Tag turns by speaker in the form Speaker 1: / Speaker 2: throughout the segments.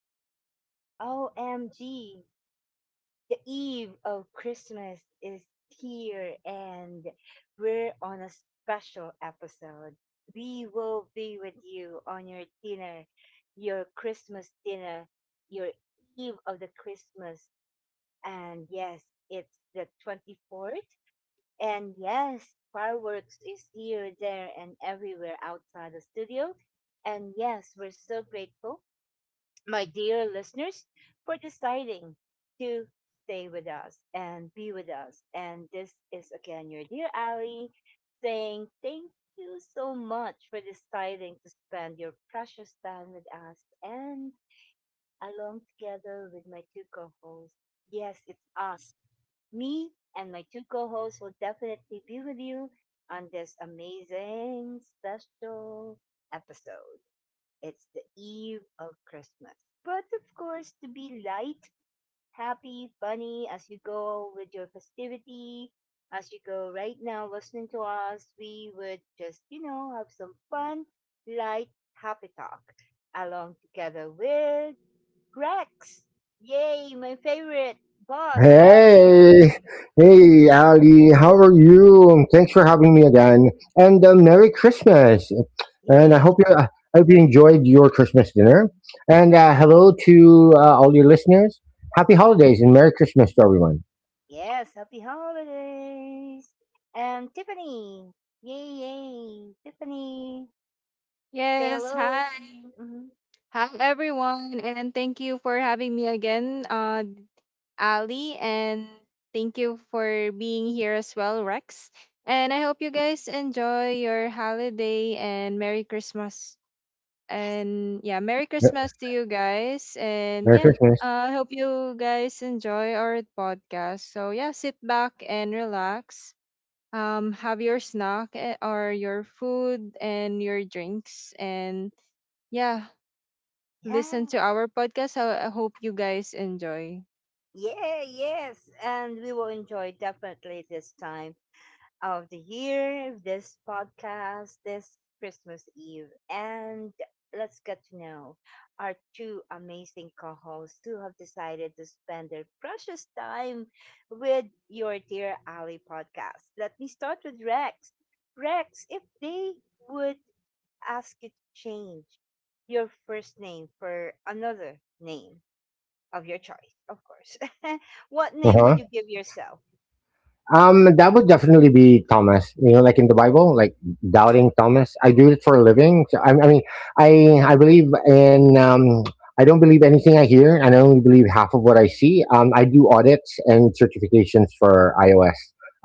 Speaker 1: midnight. OMG. The eve of Christmas is here, and we're on a special episode. We will be with you on your dinner, your Christmas dinner, your eve of the Christmas. And yes, it's the 24th. And yes, fireworks is here, there, and everywhere outside the studio. And yes, we're so grateful, my dear listeners, for deciding to stay with us and be with us. And this is again your dear Ali, saying thank you so much for deciding to spend your precious time with us and along together with my two co hosts. Yes, it's us. Me and my two co hosts will definitely be with you on this amazing special episode. It's the eve of Christmas. But of course, to be light, happy, funny as you go with your festivity, as you go right now listening to us, we would just, have some fun, light, happy talk along together with Rex. Yay, my favorite boss, Rex.
Speaker 2: Hey, hey, Ali, how are you? Thanks for having me again, and Merry Christmas. And I
Speaker 1: Yay.
Speaker 2: hope you, I hope you enjoyed your Christmas dinner. And hello to all your listeners. Happy holidays and Merry Christmas to everyone.
Speaker 1: Yes, happy holidays. And Tiffany. Yay, yay. Tiffany, say
Speaker 3: Yes,
Speaker 1: hello
Speaker 3: hi.
Speaker 1: to. Mhm.
Speaker 3: Hi everyone, and thank you for having me again, Ali, and thank you for being here as well, Rex. And I hope you guys enjoy your holiday and Merry Christmas.
Speaker 1: Yes.
Speaker 3: And yeah, Merry
Speaker 2: Mer-
Speaker 3: Christmas to you guys, and
Speaker 2: Merry
Speaker 3: yeah,
Speaker 2: Christmas.
Speaker 3: I hope you guys enjoy our podcast. So yeah, sit back and relax, have your snack, or your food and your drinks, and yeah, listen
Speaker 1: Yeah.
Speaker 3: to our podcast. I hope you guys enjoy.
Speaker 1: Yeah, yes. And we will enjoy definitely this time of the year, this podcast, this Christmas Eve. And let's get to know our two amazing co hosts who have decided to spend their precious time with your Dear Ali podcast. Let me start with Rex. Rex, if they would ask you to change your first name for another name, of your choice, of course. What
Speaker 2: Uh
Speaker 1: name would you
Speaker 2: huh.
Speaker 1: give yourself?
Speaker 2: That would definitely be Thomas. You know, like in the Bible, like doubting Thomas. I do it for a living. So, I mean, I believe in. I don't believe anything I hear, and I only believe half of what I see. I do audits and certifications for iOS.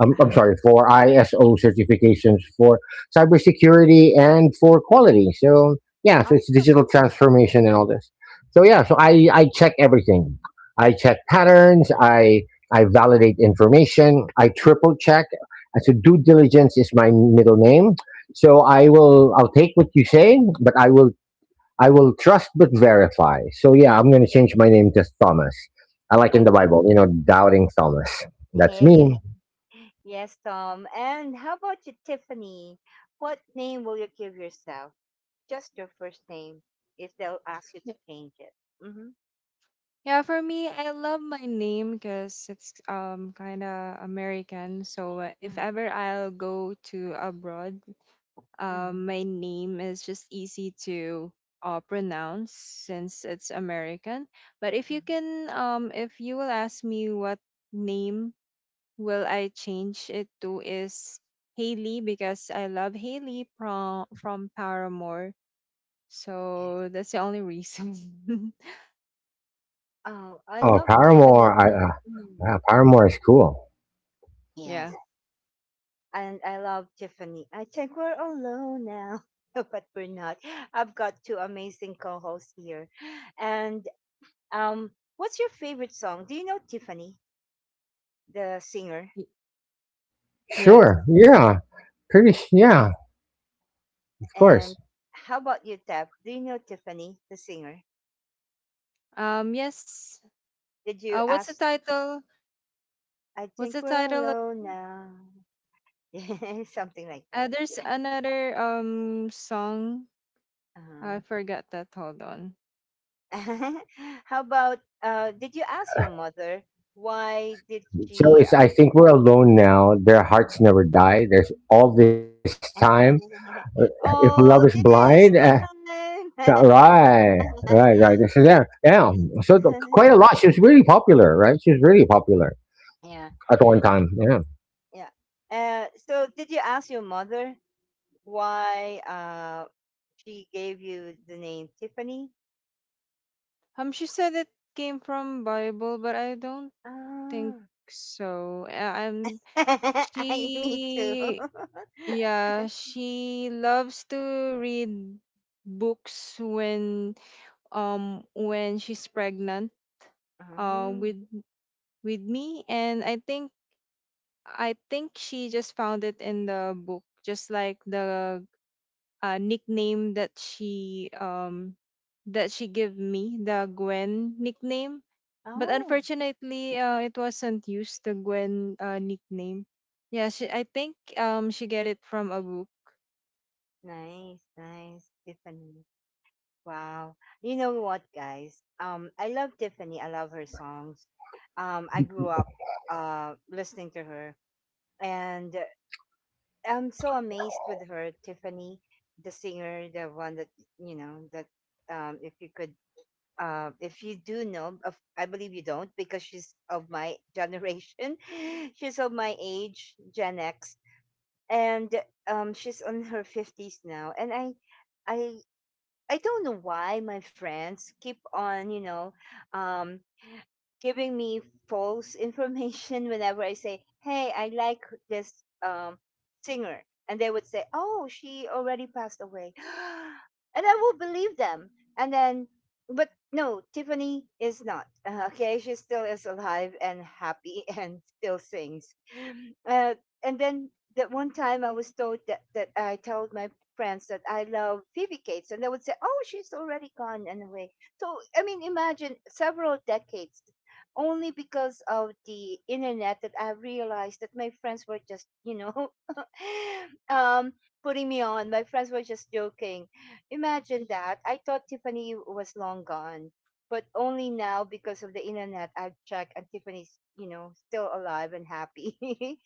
Speaker 2: I'm sorry, for ISO certifications for cybersecurity and for quality. So yeah, so it's
Speaker 1: Awesome.
Speaker 2: digital transformation and all this. So yeah, so I check everything. I check patterns. I validate information. I triple check. So due diligence is my middle name. So I'll take what you say, but I will trust but verify. So yeah, I'm gonna change my name to Thomas. I like in the
Speaker 1: Wonderful.
Speaker 2: Bible, you know, doubting Thomas. That's me.
Speaker 1: Yes, Tom. And how about you, Tiffany? What name will you give yourself? Just your first name, if they'll ask you to change it. Mm-hmm.
Speaker 3: Yeah, for me, I love my name because it's kind of American. So if
Speaker 1: Mm-hmm.
Speaker 3: ever I'll go to abroad, my name is just easy to pronounce since it's American. But if you
Speaker 1: Mm-hmm.
Speaker 3: can, if you will ask me what name will I change it to is Haley, because I love Haley from Paramore.
Speaker 1: Yes.
Speaker 3: So that's the only reason.
Speaker 1: Oh, I
Speaker 2: Oh,
Speaker 1: love Tiffany.
Speaker 2: Paramore. I
Speaker 1: Mm,
Speaker 2: wow, Paramore is cool.
Speaker 1: yes.
Speaker 3: Yeah.
Speaker 1: And I love Tiffany. I think we're all alone now, but we're not. I've got two amazing co hosts here. And Um, what's your favorite song? Do you know Tiffany, the singer?
Speaker 3: Y- Yes.
Speaker 2: Sure. Yeah. Yeah. Of course.
Speaker 1: And how about you, Tap? Do you know Tiffany, the singer?
Speaker 3: Yes.
Speaker 1: Did you
Speaker 3: What's the
Speaker 1: ask?
Speaker 3: title?
Speaker 1: I
Speaker 3: What's
Speaker 1: think
Speaker 3: the
Speaker 1: we're
Speaker 3: title?
Speaker 1: alone now. Something like that.
Speaker 3: There's another song. I forgot that. Hold on.
Speaker 1: Uh-huh. How about? Did you ask your mother why did
Speaker 2: So
Speaker 1: she?
Speaker 2: it's. I think we're alone now. Their hearts never die. There's all this time.
Speaker 1: uh,
Speaker 2: Uh, If love is
Speaker 1: oh,
Speaker 2: blind,
Speaker 1: this time.
Speaker 2: Right, right. This is there. Yeah. So the, quite a lot. She was really popular, right? She was really popular
Speaker 1: Yeah.
Speaker 2: at one time. Yeah.
Speaker 1: Yeah. So did you ask your mother why she gave you the name Tiffany?
Speaker 3: She said it came from Bible, but I don't think
Speaker 1: Ah,
Speaker 3: so.
Speaker 1: I me too.
Speaker 3: She yeah, she loves to read books when she's pregnant uh
Speaker 1: Mhm.
Speaker 3: with with me, and I think she just found it in the book, just like the nickname that she gave me, the Gwen nickname. But
Speaker 1: Oh,
Speaker 3: unfortunately, it wasn't used, the Gwen nickname. Yeah, I think she get it from a book.
Speaker 1: nice, nice, Tiffany. Wow. You know what, guys? I love Tiffany. I love her songs. I grew up listening to her, and I'm so amazed with her, Tiffany, the singer, the one that you know that if you could if you do know, of, I believe you don't because she's of my generation. She's of my age, Gen X, and she's on her fifties now. And I, I don't know why my friends keep on, um giving me false information whenever I say, "Hey, I like this um, singer," and they would say, "Oh, she already passed away," and I will believe them. And then, but no, Tiffany is not. Okay, she still is alive and happy and still sings. Uh, and then that one time I was told that I told my friends that I love Phoebe Cates, and they would say, "Oh, she's already gone and away." So I mean, imagine several decades only because of the internet that I realized that my friends were just, um, putting me on. My friends were just joking. Imagine that. I thought Tiffany was long gone, but only now because of the internet I've checked and Tiffany's, you know, still alive and happy.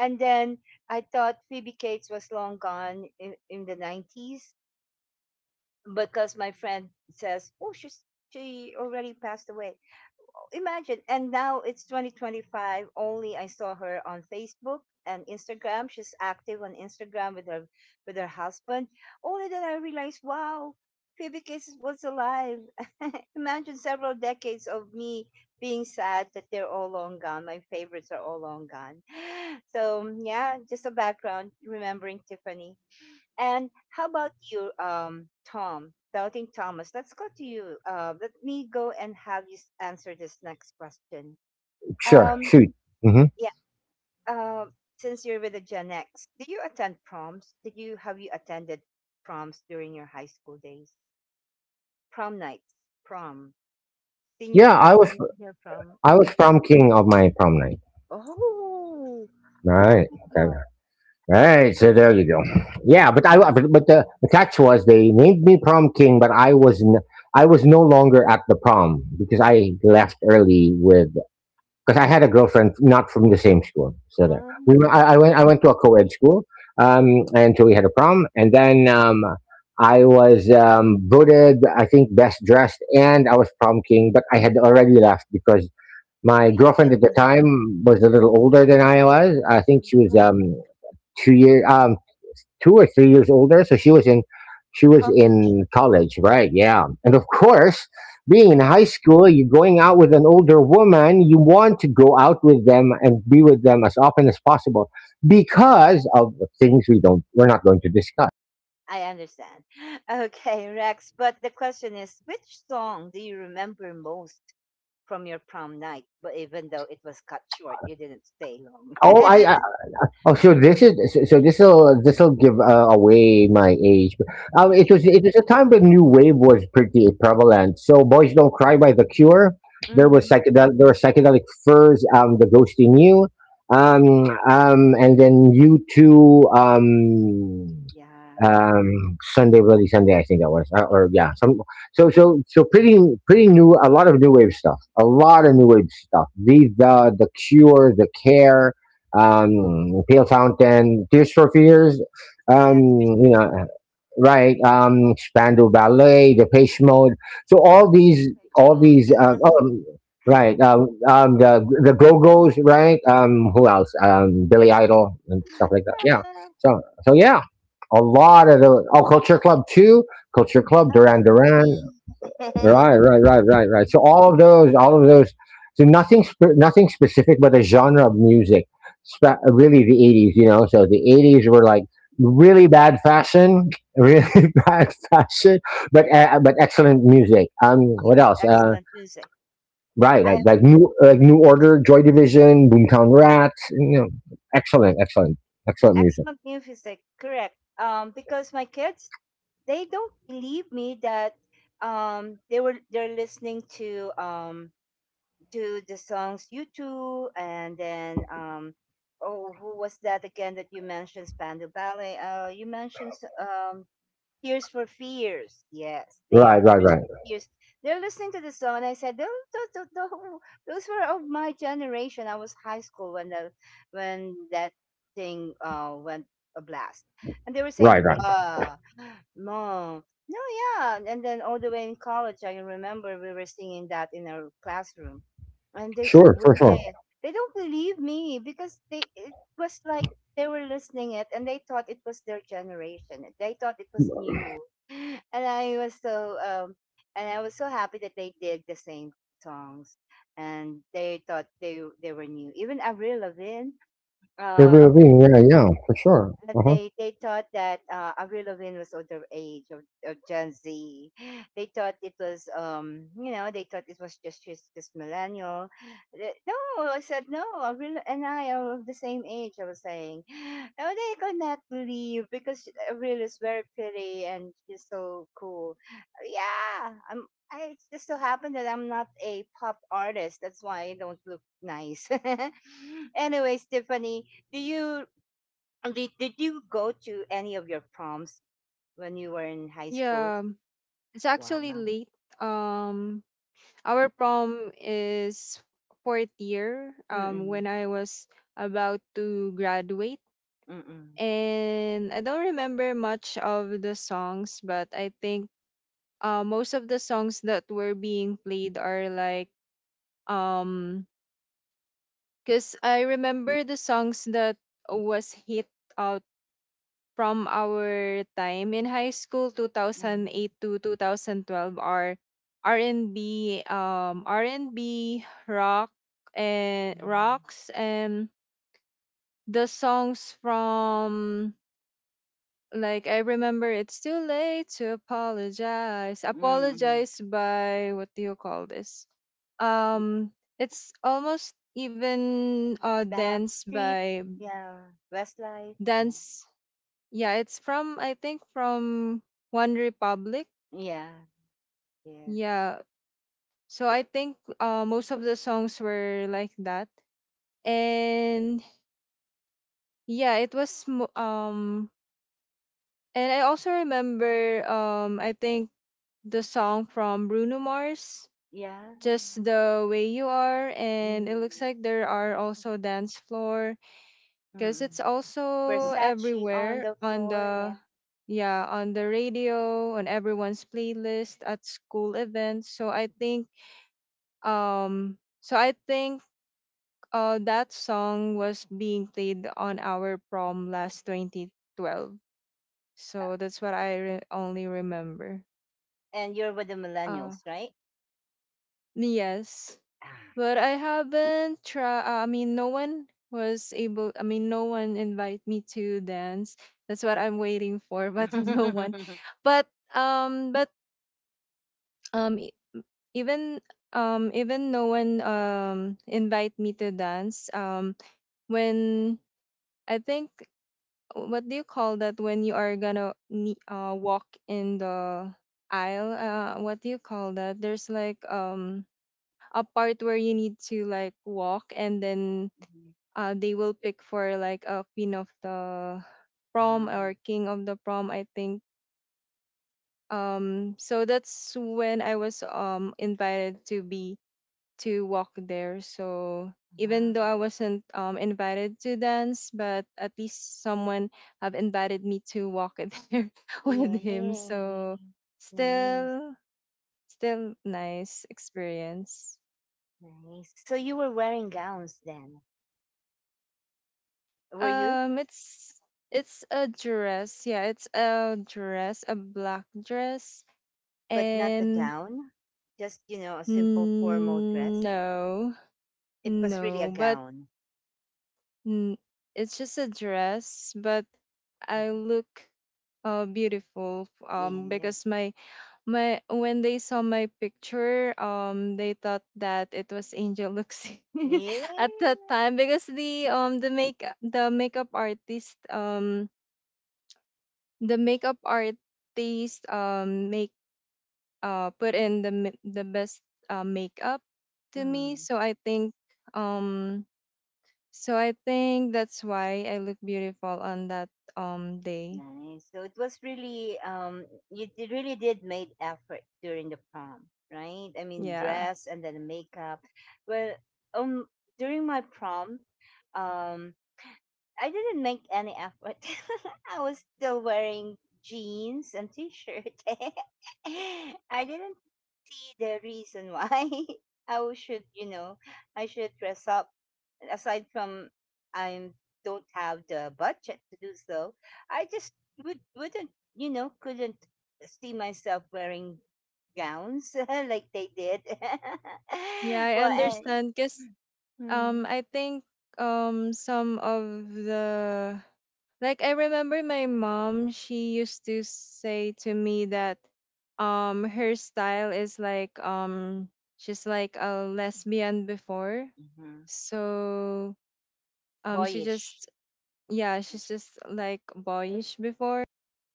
Speaker 1: And then I thought Phoebe Cates was long gone in the 90s because my friend says, oh, she already passed away. Imagine. And now it's 2025. Only I saw her on Facebook and Instagram. She's active on Instagram with her husband. Only then I realized, wow, Phoebe Cases was alive. Imagine several decades of me being sad that they're all long gone. My favorites are all long gone. So yeah, just a background remembering Tiffany. And how about you, Tom, Doubting Thomas? Let's go to you. Let me go and have you answer this next question.
Speaker 2: Sure.
Speaker 1: Um,
Speaker 2: Shoot. hmm
Speaker 1: yeah. Uh, since you're with the Gen X, did you attend proms? Did you have you attended proms during your high school days? Prom nights, prom, senior
Speaker 2: Yeah. I
Speaker 1: prom,
Speaker 2: was
Speaker 1: junior prom.
Speaker 2: I
Speaker 1: Mhm.
Speaker 2: was prom king of my prom night.
Speaker 1: Oh,
Speaker 2: Right. Okay.
Speaker 1: wow.
Speaker 2: Right. So there you go. Yeah. But I
Speaker 1: Oh,
Speaker 2: but the catch was they named me prom king, but I was no longer at the prom because I left early with because I had a girlfriend not from the same school. So there,
Speaker 1: ah,
Speaker 2: I went I went to a co-ed school, um, and so we had a prom, and then I was voted I think best dressed, and I was prom king, but I had already left because my
Speaker 1: you
Speaker 2: girlfriend
Speaker 1: didn't
Speaker 2: at the
Speaker 1: know.
Speaker 2: time was a little older than I was. I think she was
Speaker 1: Ah,
Speaker 2: 2 years 2 or 3 years older. So she was in she was
Speaker 1: college.
Speaker 2: in college, right? Yeah. And of course, being in high school, you're going out with an older woman, you want to go out with them and be with them as often as possible because of things we're not going to discuss.
Speaker 1: I understand. Okay, Rex, but the question is, which song do you remember most from your prom night? But even though it was cut short, you didn't stay long.
Speaker 2: All I Oh, so this is so so this'll this'll give away my age. It was a time when new wave was pretty prevalent. So, "Boys Don't Cry" by The Cure.
Speaker 1: Mm-hmm.
Speaker 2: There were Psychedelic Furs. "The Ghost in You." And then you two.
Speaker 1: Yeah.
Speaker 2: "Sunday Bloody Sunday," I think that was or yeah, some so so so pretty pretty new, a lot of new wave stuff, the Cure, the care um, Pale Fountain, Tears for Fears, um,
Speaker 1: Yeah, Tears for
Speaker 2: you know,
Speaker 1: Fears.
Speaker 2: right? Spandau Ballet, Depeche Mode. So
Speaker 1: Page
Speaker 2: all
Speaker 1: mode.
Speaker 2: these, right? The Go Go's, right? Who else? Billy Idol and stuff like that. Yeah. So so yeah, a lot of the oh Culture Club too. Culture Club,
Speaker 1: Ah,
Speaker 2: Duran Duran.
Speaker 1: OMG.
Speaker 2: Right. So all of those. So nothing specific, but a genre of music. Really, the 80s, you know. So the 80s were like really bad fashion, really bad fashion, but excellent music.
Speaker 1: Yes,
Speaker 2: What else?
Speaker 1: excellent music.
Speaker 2: Right,
Speaker 1: I agree.
Speaker 2: like New Order, Joy Division, Boomtown Rats. You know, excellent, excellent, excellent music.
Speaker 1: Excellent music, correct. Because my kids, they don't believe me that they're listening to the songs "You Too" and then oh, who was that again that you mentioned? Spandau Ballet. You mentioned um, Tears for Fears. Yes,
Speaker 2: Right,
Speaker 1: there,
Speaker 2: right,
Speaker 1: Tears
Speaker 2: right,
Speaker 1: for Fears. They're listening to the song, and I said, those, those, those were of my generation. I was high school when the when that thing went a blast, and they were saying,
Speaker 2: right.
Speaker 1: "Wow." No, no, yeah. And then all the way in college, I remember we were singing that in our classroom, and they said,
Speaker 2: Sure, for
Speaker 1: "Way."
Speaker 2: sure.
Speaker 1: They don't believe me because they it was like they were listening it and they thought it was their generation. They thought it was new, and I was so and I was so happy that they did the same songs, and they thought they were new. Even Avril Lavigne,
Speaker 2: Avril
Speaker 1: Avril,
Speaker 2: Lavigne, yeah, yeah,
Speaker 1: yeah,
Speaker 2: for sure. Uh huh.
Speaker 1: they thought that Avril Lavigne was underage of Gen Z. They thought it was they thought it was just millennial. No, I said no. Avril and I are of the same age. I was saying, no, they could not believe because Avril is very pretty and she's so cool. Yeah, I'm. I, it just so happened that I'm not a pop artist. That's why I don't look nice. Anyways, Tiffany, do you did you go to any of your proms when you were in high school?
Speaker 3: Yeah, it's actually
Speaker 1: Wow.
Speaker 3: late. um our prom is fourth year,
Speaker 1: Mm-mm.
Speaker 3: when I was about to graduate.
Speaker 1: Mm-mm.
Speaker 3: And I don't remember much of the songs, but I think, most of the songs that were being played are like, um because I remember the songs that was hit out from our time in high school,
Speaker 1: Mm-mm.
Speaker 3: 2008 to 2012, are R&B, R&B rock, and
Speaker 1: Mm-mm.
Speaker 3: rocks, and the songs from, like, I remember, it's too late to apologize.
Speaker 1: Mm-mm.
Speaker 3: Apologize by what do you call this?
Speaker 1: Y-
Speaker 3: Um it's almost even, dance
Speaker 1: Backstreet.
Speaker 3: by
Speaker 1: Yeah. Westlife. Yeah.
Speaker 3: dance. Yeah, it's from, I think, from One Republic.
Speaker 1: Yeah. Yeah.
Speaker 3: Yeah. So I think, most of the songs were like that. And yeah, it was and I also remember, I think the song from Bruno Mars,
Speaker 1: Yeah.
Speaker 3: just the way you are.
Speaker 1: Mm.
Speaker 3: And it looks like there are also dance floor, because
Speaker 1: Mm-mm.
Speaker 3: it's also
Speaker 1: Versace on
Speaker 3: everywhere
Speaker 1: the
Speaker 3: on
Speaker 1: floor. Yeah.
Speaker 3: the yeah, on the radio, on everyone's playlist at school events. So I think that song was being played on our prom last 2012.
Speaker 1: Yeah.
Speaker 3: So that's what I only remember.
Speaker 1: And you're with the
Speaker 3: uh
Speaker 1: millennials, right?
Speaker 3: yes.
Speaker 1: Ah,
Speaker 3: But
Speaker 1: yeah.
Speaker 3: I haven't tried. I mean, no one was able. I mean, no one invite me to dance. That's what I'm waiting for. But no one. But um, but um, e- even um, even no one invite me to dance. When I think, what do you call that when you are gonna walk in the aisle? What do you call that? There's like a part where you need to like walk, and then
Speaker 1: Mhm.
Speaker 3: they will pick for like a queen of the prom
Speaker 1: Ah,
Speaker 3: or king of the prom, I think. So that's when I was invited to be to walk there. So even though
Speaker 1: ah.
Speaker 3: I wasn't invited to dance, but at least someone have invited me to walk it there with him.
Speaker 1: Yay.
Speaker 3: So
Speaker 1: Nice.
Speaker 3: still, still nice experience.
Speaker 1: Nice. So you were wearing gowns then, were you?
Speaker 3: Um, it's it's a dress. Yeah, it's a dress, a black dress.
Speaker 1: But not a
Speaker 3: And
Speaker 1: gown, just, you know, a simple formal
Speaker 3: mm,
Speaker 1: dress.
Speaker 3: no,
Speaker 1: It was really a
Speaker 3: no, but
Speaker 1: gown.
Speaker 3: mm, it's just a dress. But I
Speaker 1: Mhm.
Speaker 3: look beautiful.
Speaker 1: Yes.
Speaker 3: Because my when they saw my picture, they thought that it was Angel Luxin
Speaker 1: Yeah.
Speaker 3: at that time, because the makeup artist, make put in the the best makeup to me.
Speaker 1: Mm,
Speaker 3: So um I think that's why I look beautiful on that day.
Speaker 1: nice. So it was really you really did made effort during the prom, right? I mean,
Speaker 3: Yeah.
Speaker 1: dress and then makeup. Well, um, during my prom, um, I didn't make any effort. I was still wearing jeans and t-shirt. I didn't see the reason why I should, you know, I should dress up. Aside from I don't have the budget to do so, I just wouldn't, you know, couldn't see myself wearing gowns like they did.
Speaker 3: Yeah, I
Speaker 1: Well, and,
Speaker 3: understand, because
Speaker 1: mm,
Speaker 3: I think, some of the, like I remember my mom, she used to say to me that her style is like, she's like a lesbian before.
Speaker 1: mhm,
Speaker 3: So she
Speaker 1: boyish.
Speaker 3: just yeah, she's just like boyish before.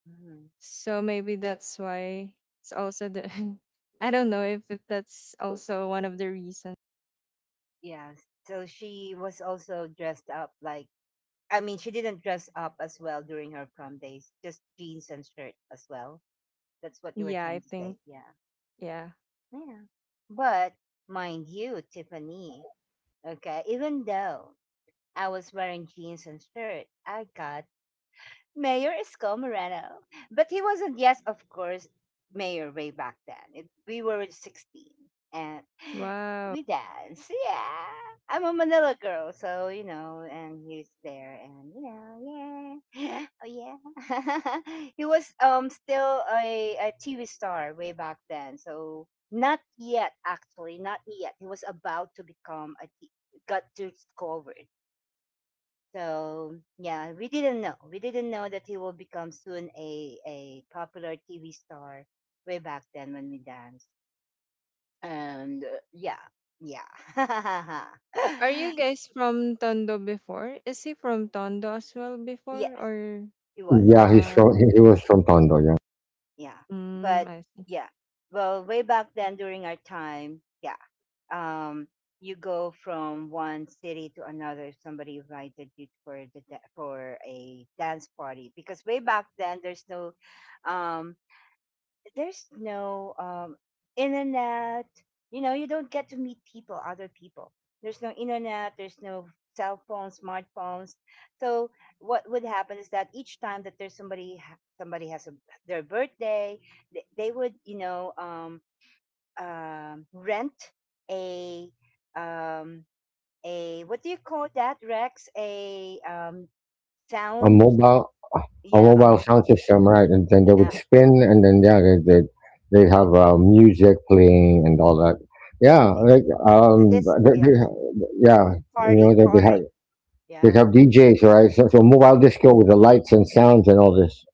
Speaker 1: Mhm.
Speaker 3: So maybe that's why, it's also the, I don't know if that's also one of the reasons.
Speaker 1: Yeah. So she was also dressed up like I mean she didn't dress up as well during her prom days, just jeans and shirt as well. That's what you were
Speaker 3: Yeah,
Speaker 1: trying
Speaker 3: I
Speaker 1: to
Speaker 3: think,
Speaker 1: say. Yeah.
Speaker 3: yeah.
Speaker 1: Yeah. But mind you, Tiffany, okay, even though I was wearing jeans and shirt, I got Mayor is Moreno. But he wasn't, yes, of course, mayor way back then. It, we were 16 and
Speaker 3: Wow.
Speaker 1: we danced. Yeah. I'm a Manila girl, so, you know, and he's there and, you know, yeah. Oh, yeah. He was still a TV star way back then. So, not yet, actually, not yet. He was about to become a, got discovered, so yeah, we didn't know. We didn't know that he will become soon a popular TV star way back then when we danced. And yeah, yeah,
Speaker 3: Are you guys from Tondo before? Is he from Tondo as well
Speaker 1: yes,
Speaker 3: before, or
Speaker 1: it was.
Speaker 2: Yeah,
Speaker 3: uh
Speaker 2: he was from Tondo. Yeah,
Speaker 1: Yeah, but
Speaker 3: I see.
Speaker 1: yeah, well, way back then during our time, yeah, um, you go from one city to another. If somebody invited you for the for a dance party, because way back then um, there's no internet. You know, you don't get to meet people, other people. There's no internet. There's no cell phones, smartphones. So what would happen is that each time that there's somebody, somebody has a, their birthday, they would, you know, rent a, um, a, what do you call that, Rex? A
Speaker 2: a
Speaker 1: sound,
Speaker 2: mobile a
Speaker 1: yeah, a
Speaker 2: mobile sound
Speaker 1: mobile,
Speaker 2: system, right? And then they
Speaker 1: yeah,
Speaker 2: would spin, and then yeah, they have music playing and all that. Yeah,
Speaker 1: a-
Speaker 2: like um,
Speaker 1: this,
Speaker 2: they,
Speaker 1: yeah,
Speaker 2: they, yeah, you know
Speaker 1: party,
Speaker 2: they
Speaker 1: yeah.
Speaker 2: have DJs, right? So, so
Speaker 1: Yeah.
Speaker 2: mobile disco with the lights and sounds and all this.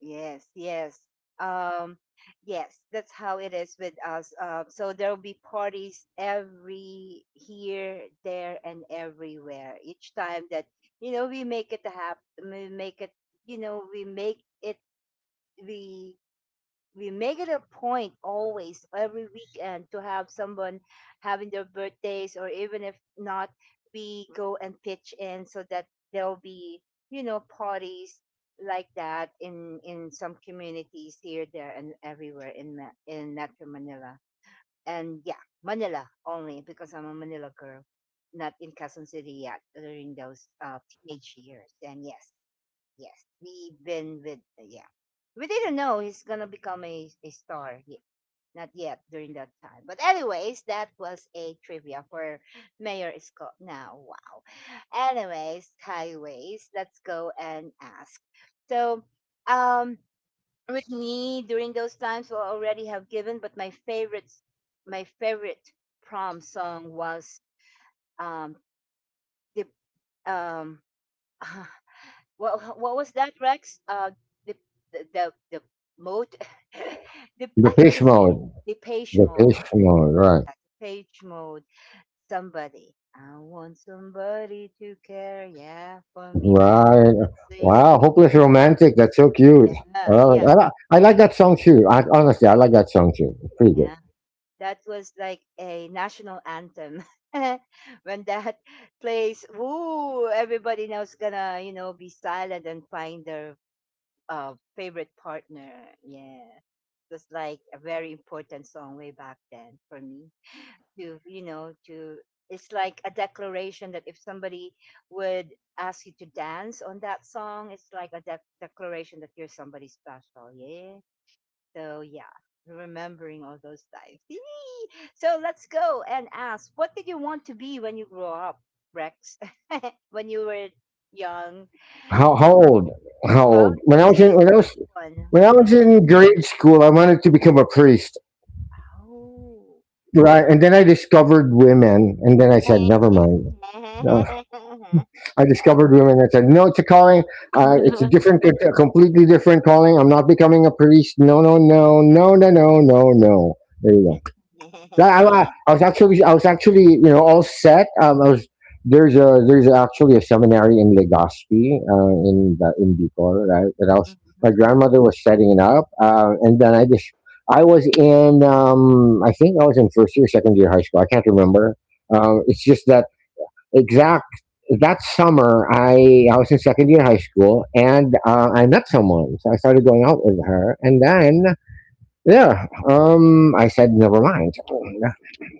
Speaker 1: Yes, yes. Um, yes, that's how it is with us. So there will be parties every here, there, and everywhere. Each time that we make it happen, we make it. We make it. We make it a point always every weekend to have someone having their birthdays, or even if not we go and pitch in so that there'll be parties like that in some communities here, there, and everywhere in Metro Manila. And yeah, Manila only because I'm a Manila girl, not in Quezon City yet during those teenage years. And yes, yes, we've been with yeah. We didn't know he's gonna become a star. Not yet during that time. But anyways, that was a trivia for Mayor Scott. Now, wow. Anyways, highways. Let's go and ask. So, um, with me during those times, well, I already have given. But my favorite prom song was um the um What was that, Rex? The the mode. The
Speaker 2: The
Speaker 1: I couldn't
Speaker 2: pitch
Speaker 1: say it.
Speaker 2: mode,
Speaker 1: The page
Speaker 2: the
Speaker 1: mode.
Speaker 2: pitch mode, right?
Speaker 1: Yeah, the page mode. Somebody. I want somebody to care, yeah, for me
Speaker 2: Right.
Speaker 1: passionately.
Speaker 2: Wow, hopeless
Speaker 1: Wow,
Speaker 2: romantic. That's so cute.
Speaker 1: Yeah, yeah,
Speaker 2: I like that song too. I, honestly, I like that song too. It's pretty good.
Speaker 1: yeah. That was like a national anthem. When that plays, woo, everybody now's gonna, be silent and find their favorite partner. Yeah. Was like a very important song way back then for me to it's like a declaration that if somebody would ask you to dance on that song, it's like a declaration that you're somebody special. Yeah, so yeah, remembering all those times. Yee! So let's go and ask, what did you want to be when you grew up, Rex? When you were young.
Speaker 2: How old? How
Speaker 1: Well,
Speaker 2: old?
Speaker 1: it's up to you which one.
Speaker 2: When I
Speaker 1: Hmm.
Speaker 2: was in grade school, I wanted to become a priest,
Speaker 1: Oh,
Speaker 2: right? And then I discovered women, and then I said, never mind. Uh, I discovered women. I said, no, it's a calling. It's a different, a completely different calling. I'm not becoming a priest. No, no. There you go. Like, I was actually, I was actually, you know, all set. I was there's actually a seminary in Legazpi, in in Bicol, right? That I was my grandmother was setting it up, and then I just I was in I think I was in first year, second year high school. I can't remember. It's just that exact that summer I was in second year high school, and I met someone, so I started going out with her, and then. Yeah. I said, never mind.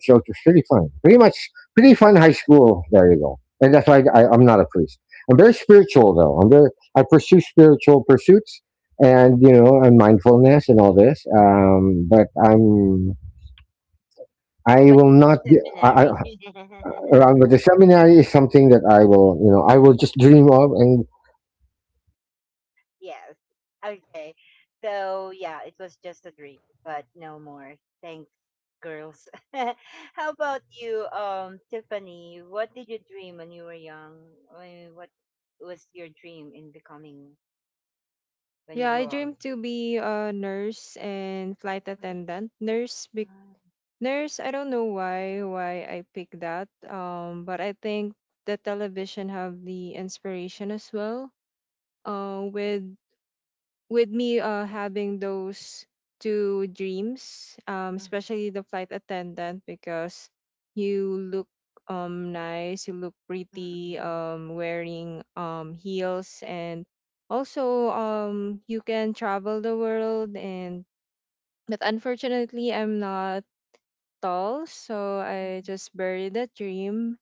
Speaker 2: So it was pretty fun. Pretty fun high school. There you go. And that's why I'm not a priest. I'm very spiritual, though. I pursue spiritual pursuits and, you know, and mindfulness and all this. But I'm, I
Speaker 1: but
Speaker 2: will
Speaker 1: not the
Speaker 2: not, d-
Speaker 1: seminary.
Speaker 2: I, around- but the seminary is something that I will, you know, I will just dream of and,
Speaker 1: Yes. Okay. So yeah, it was just a dream, but no more. Thanks, girls. How about you, Tiffany? What did you dream when you were young? What was your dream in becoming when you
Speaker 3: Yeah, I
Speaker 1: grow up?
Speaker 3: dream to be a nurse and flight attendant. Nurse be
Speaker 1: Mhm.
Speaker 3: nurse, I don't know why I picked that. But I think the television have the inspiration as well. With me, having those two dreams,
Speaker 1: Mhm.
Speaker 3: especially the flight attendant, because you look nice, you look pretty,
Speaker 1: Mhm.
Speaker 3: wearing heels, and also you can travel the world. And but unfortunately, I'm not tall, so I
Speaker 1: Mhm.
Speaker 3: just buried that dream.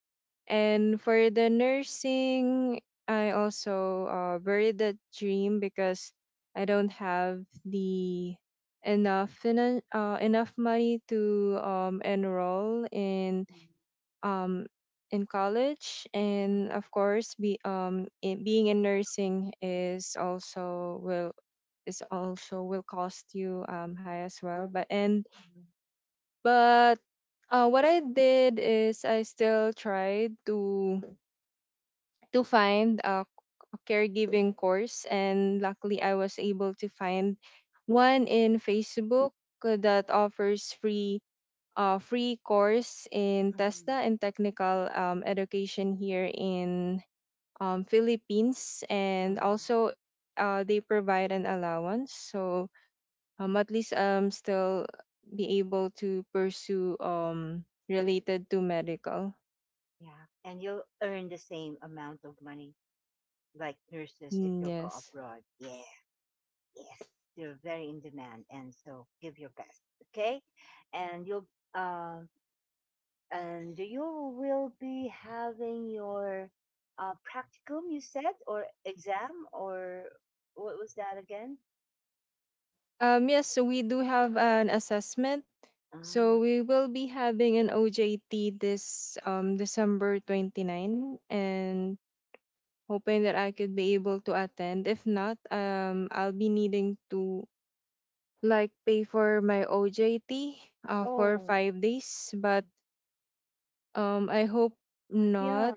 Speaker 3: And for the nursing, I also buried that dream because I don't have the enough enough money to enroll um, in college, and
Speaker 1: Mhm.
Speaker 3: of course be being in nursing is also will cost you high as well, but and but what I did is I still tried to find a caregiving course, and luckily I was able to find one in Facebook, that offers free course
Speaker 1: Mhm.
Speaker 3: in
Speaker 1: Mhm.
Speaker 3: TESDA, and technical, education here in, Philippines, and
Speaker 1: Mhm.
Speaker 3: also they provide an allowance. So at least still be able to pursue related to medical.
Speaker 1: Yeah. And you'll earn the same amount of money like nurses if
Speaker 3: Mm,
Speaker 1: you will go
Speaker 3: yes.
Speaker 1: abroad. Yeah. Yes. You're very in demand. And so give your best. Okay. And you'll, um, and you will be having your practicum, you said, or exam, or what was that again?
Speaker 3: Yes, so we do have an assessment, so
Speaker 1: Ah.
Speaker 3: we will be having an OJT this December 29, and hoping that I could be able to attend. If not, I'll be needing to like pay for my OJT for
Speaker 1: Oh,
Speaker 3: 5 days. But I hope
Speaker 1: yeah,
Speaker 3: not.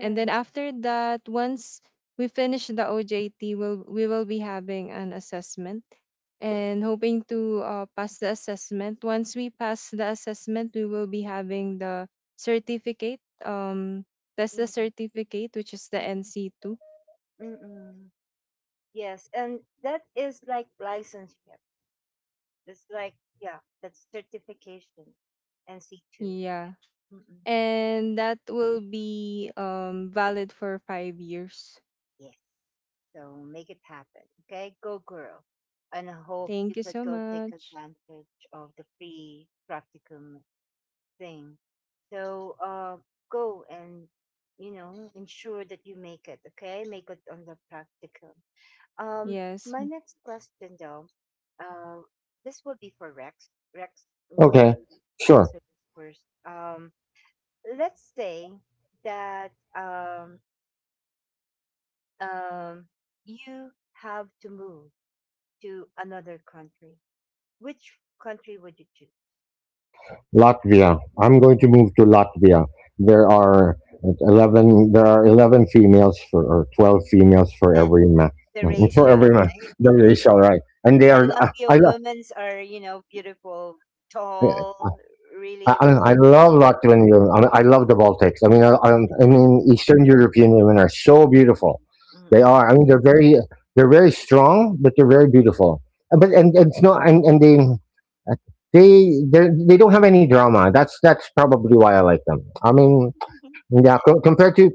Speaker 3: And then after that, once we finish the OJT, we will be having an assessment, and hoping to pass the assessment. Once we pass the assessment, we will be having the certificate. That's the
Speaker 1: Mm-mm,
Speaker 3: certificate, which is the
Speaker 1: mm-mm,
Speaker 3: NC2.
Speaker 1: mm-mm. Yes. And that is like license. It's like, yeah, that's certification NC 2.
Speaker 3: Yeah.
Speaker 1: Mm-mm.
Speaker 3: And that will be valid for 5 years.
Speaker 1: Yes. So make it happen. Okay. Go, girl. And I hope you
Speaker 3: Thank you
Speaker 1: could
Speaker 3: so
Speaker 1: go take
Speaker 3: much.
Speaker 1: advantage of the free practicum thing. So go and, ensure that you make it. Okay. Make it on the practicum. Um,
Speaker 3: Yes.
Speaker 1: my next question, though, uh, this will be for Rex. Rex, we need
Speaker 2: okay,
Speaker 1: to
Speaker 2: sure.
Speaker 1: answer this first. Let's say that um, um, you have to move to another country. Which country would you choose?
Speaker 2: Latvia. I'm going to move to Latvia. There are There are 11 females for or 12 females for
Speaker 1: And
Speaker 2: every man.
Speaker 1: the
Speaker 2: For
Speaker 1: ratio,
Speaker 2: every man,
Speaker 1: right?
Speaker 2: there is all right, and they
Speaker 1: I
Speaker 2: are.
Speaker 1: love your women's are, beautiful, tall, really
Speaker 2: I
Speaker 1: voluptuous.
Speaker 2: love Latvian women. I mean, I love the Baltics. I mean, Eastern European women are so beautiful. They
Speaker 1: Mm-mm.
Speaker 2: are. They're very strong, but they're very beautiful. But and it's not. And they, they're- they don't have any drama. That's probably why I like them. I mean, yeah, compared to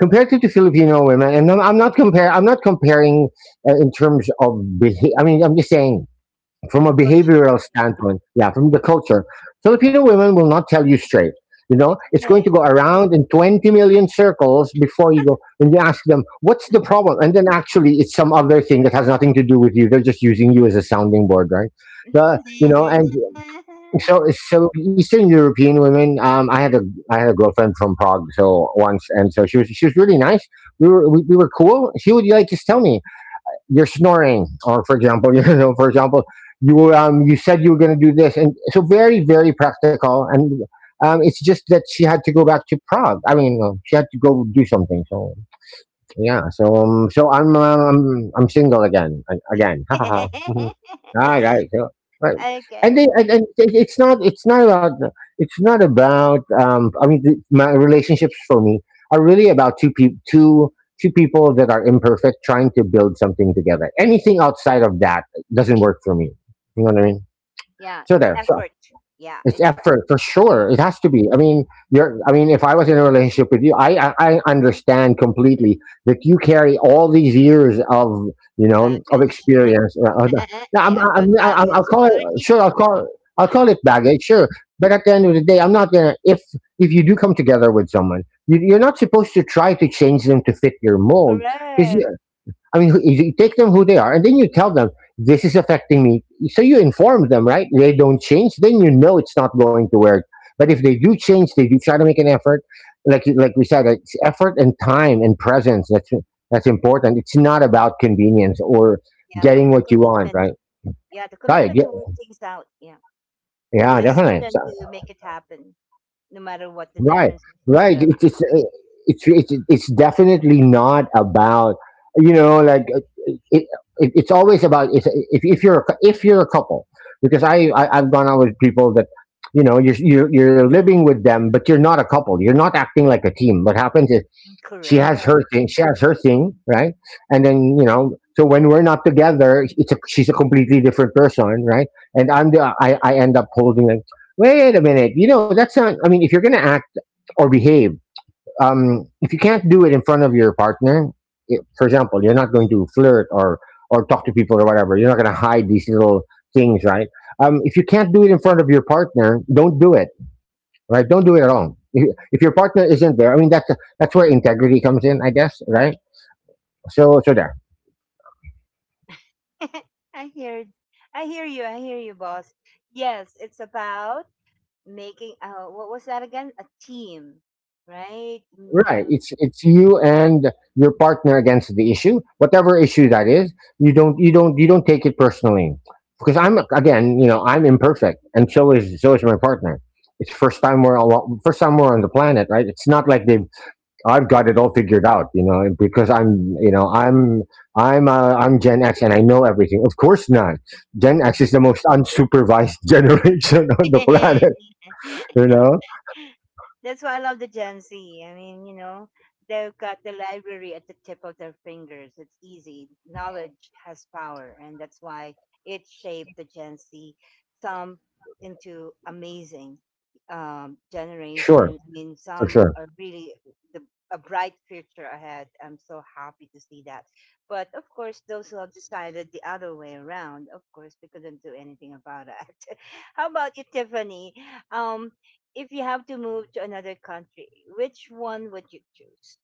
Speaker 2: compared to the Filipino women, and I'm not compare. I'm not comparing in terms of behavior. I mean, I'm just saying from
Speaker 1: The
Speaker 2: a
Speaker 1: culture.
Speaker 2: behavioral standpoint. Yeah, from the culture, Filipino women will not tell you straight. You know, it's going to
Speaker 1: Yes.
Speaker 2: go around in 20 million circles before you go and you ask them, what's the problem? And then actually, it's some other thing that has nothing to do with you. They're just using you as a sounding board, right? The, you know, and so so Eastern European women. I had a girlfriend from Prague, so once, and so she was really nice. We were cool. She would like just tell me you're snoring, or for example, you know, for example, you you said you were going to do this, and so very practical, and it's just that she had to go back to Prague. I mean, she had to go do something. So yeah, so so I'm single again, again. Ha ha ha. All right, so right, and,
Speaker 1: Okay.
Speaker 2: then, and it- it's not about it's not about. I mean, my relationships for me are really about two two people that are imperfect trying to build something together. Anything outside of that doesn't work for me. You know what I mean?
Speaker 1: Yeah,
Speaker 2: So
Speaker 1: it's
Speaker 2: there. So
Speaker 1: effort. Yeah,
Speaker 2: it's
Speaker 1: it's.
Speaker 2: effort for sure. It has to be. I mean, you're. I mean, if I was in a relationship with you, I understand completely that you carry all these years of you know of
Speaker 1: Baggage.
Speaker 2: experience. Now,
Speaker 1: I thought
Speaker 2: I'm,
Speaker 1: baggage,
Speaker 2: I'll call
Speaker 1: sorry.
Speaker 2: it sure. I'll call it baggage, sure. But at the end of the day, I'm not gonna. If you do come together with someone, you're not supposed to try to change them to fit your mold because
Speaker 1: Correct.
Speaker 2: I mean, you you take them who they are, and then you tell them this is affecting me. So you inform them, right? They don't change, then you know it's not going to work. But if they do change, they do try to make an effort. Like we said, it's effort and time and presence. That's important. It's not about convenience or
Speaker 1: Yeah, the
Speaker 2: getting what you want,
Speaker 1: commitment.
Speaker 2: right?
Speaker 1: Yeah, the
Speaker 2: Right.
Speaker 1: commitment to
Speaker 2: Yeah.
Speaker 1: work things out. Yeah, the
Speaker 2: Yeah.
Speaker 1: decision
Speaker 2: Definitely. So,
Speaker 1: to make it happen, no matter what the
Speaker 2: Right,
Speaker 1: differences or
Speaker 2: right.
Speaker 1: the
Speaker 2: It's it's
Speaker 1: conflict.
Speaker 2: uh, it's it's, it's definitely not about you know like uh, it, it's always about if you're if you're a couple, because I've gone out with people that, you're living with them, but you're not a couple, you're not acting like a team. What happens is, she has
Speaker 1: Correct.
Speaker 2: her thing, right? And then, you know, so when we're not together, she's a completely different person, right? And I'm I end up holding, like, wait a minute, you know, that's not, I mean, if you're going to act or behave. If you can't do it in front of your partner, for example, you're not going to flirt or talk to people or whatever. You're not going to hide these little things, right? If you can't do it in front of your partner, don't do it, right? Don't do it at all. If your partner isn't there, I mean, that's where integrity comes in, I guess, right? So there.
Speaker 1: I hear, I hear you. I hear you, boss. Yes, it's about making. What was that again? A team, right? Mm.
Speaker 2: Right.
Speaker 1: You.
Speaker 2: It's you and your partner against the issue, whatever issue that is. You don't take it personally, because I'm, again, you know, I'm imperfect, and so is my partner. It's first time we're on the planet, right? It's not like they've I've got it all figured out, you know, because I'm you know I'm Gen X and I know everything. Of course not. Gen X
Speaker 1: Mm-mm.
Speaker 2: is the most unsupervised generation on the planet, you know.
Speaker 1: That's why I love the Gen Z. I mean, they've got the library at the tip of their fingers. It's easy. Knowledge has power, and that's why it shaped the Gen Z some into amazing
Speaker 2: Sure,
Speaker 1: generation. I mean,
Speaker 2: for
Speaker 1: some
Speaker 2: sure.
Speaker 1: are really the a bright future ahead. I'm so happy to see that. But of course, those who have decided the other way around, of course, we couldn't do anything about it. How about you, Tiffany? Um, if you have to move to another country, which one would you choose?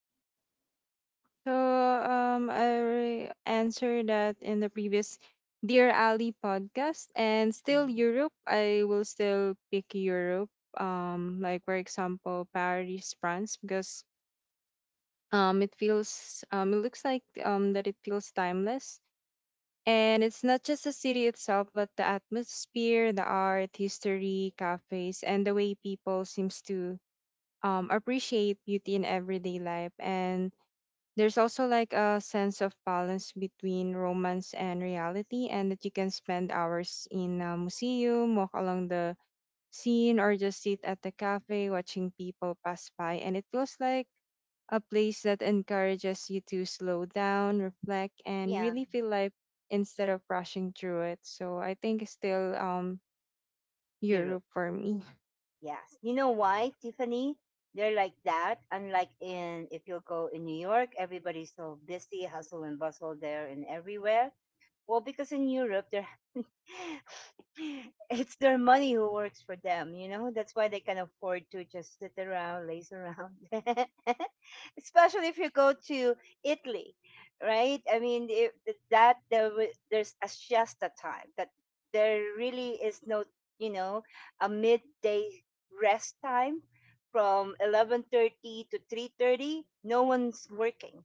Speaker 3: So I answered that in the previous Dear Ali podcast, and still
Speaker 1: Mhm.
Speaker 3: Europe. I will still pick Europe. Like for example, Paris, France, because it looks like that it feels timeless, and it's not just the city itself, but the atmosphere, the art, history, cafes, and the way people seems to appreciate beauty in everyday life. And there's also like a sense of balance between romance and reality, and that you can spend hours in a museum, walk along the scene, or just sit at the cafe watching people pass by. And it feels like a place that encourages you to slow down, reflect, and
Speaker 1: Yeah,
Speaker 3: really feel life, instead of rushing through it. So I think it's still
Speaker 1: Europe.
Speaker 3: Europe for me.
Speaker 1: Yes. You know why, Tiffany? They're like that. Unlike in, if you go in New York, everybody's so busy, hustle and bustle there and everywhere. Well, because in Europe, they're it's their money who works for them, you know? That's why they can afford to just sit around, laze around. Especially if you go to Italy, right? I mean, if there's a siesta time that there really is no, you know, a midday rest time from 11:30 to 3:30. No one's working,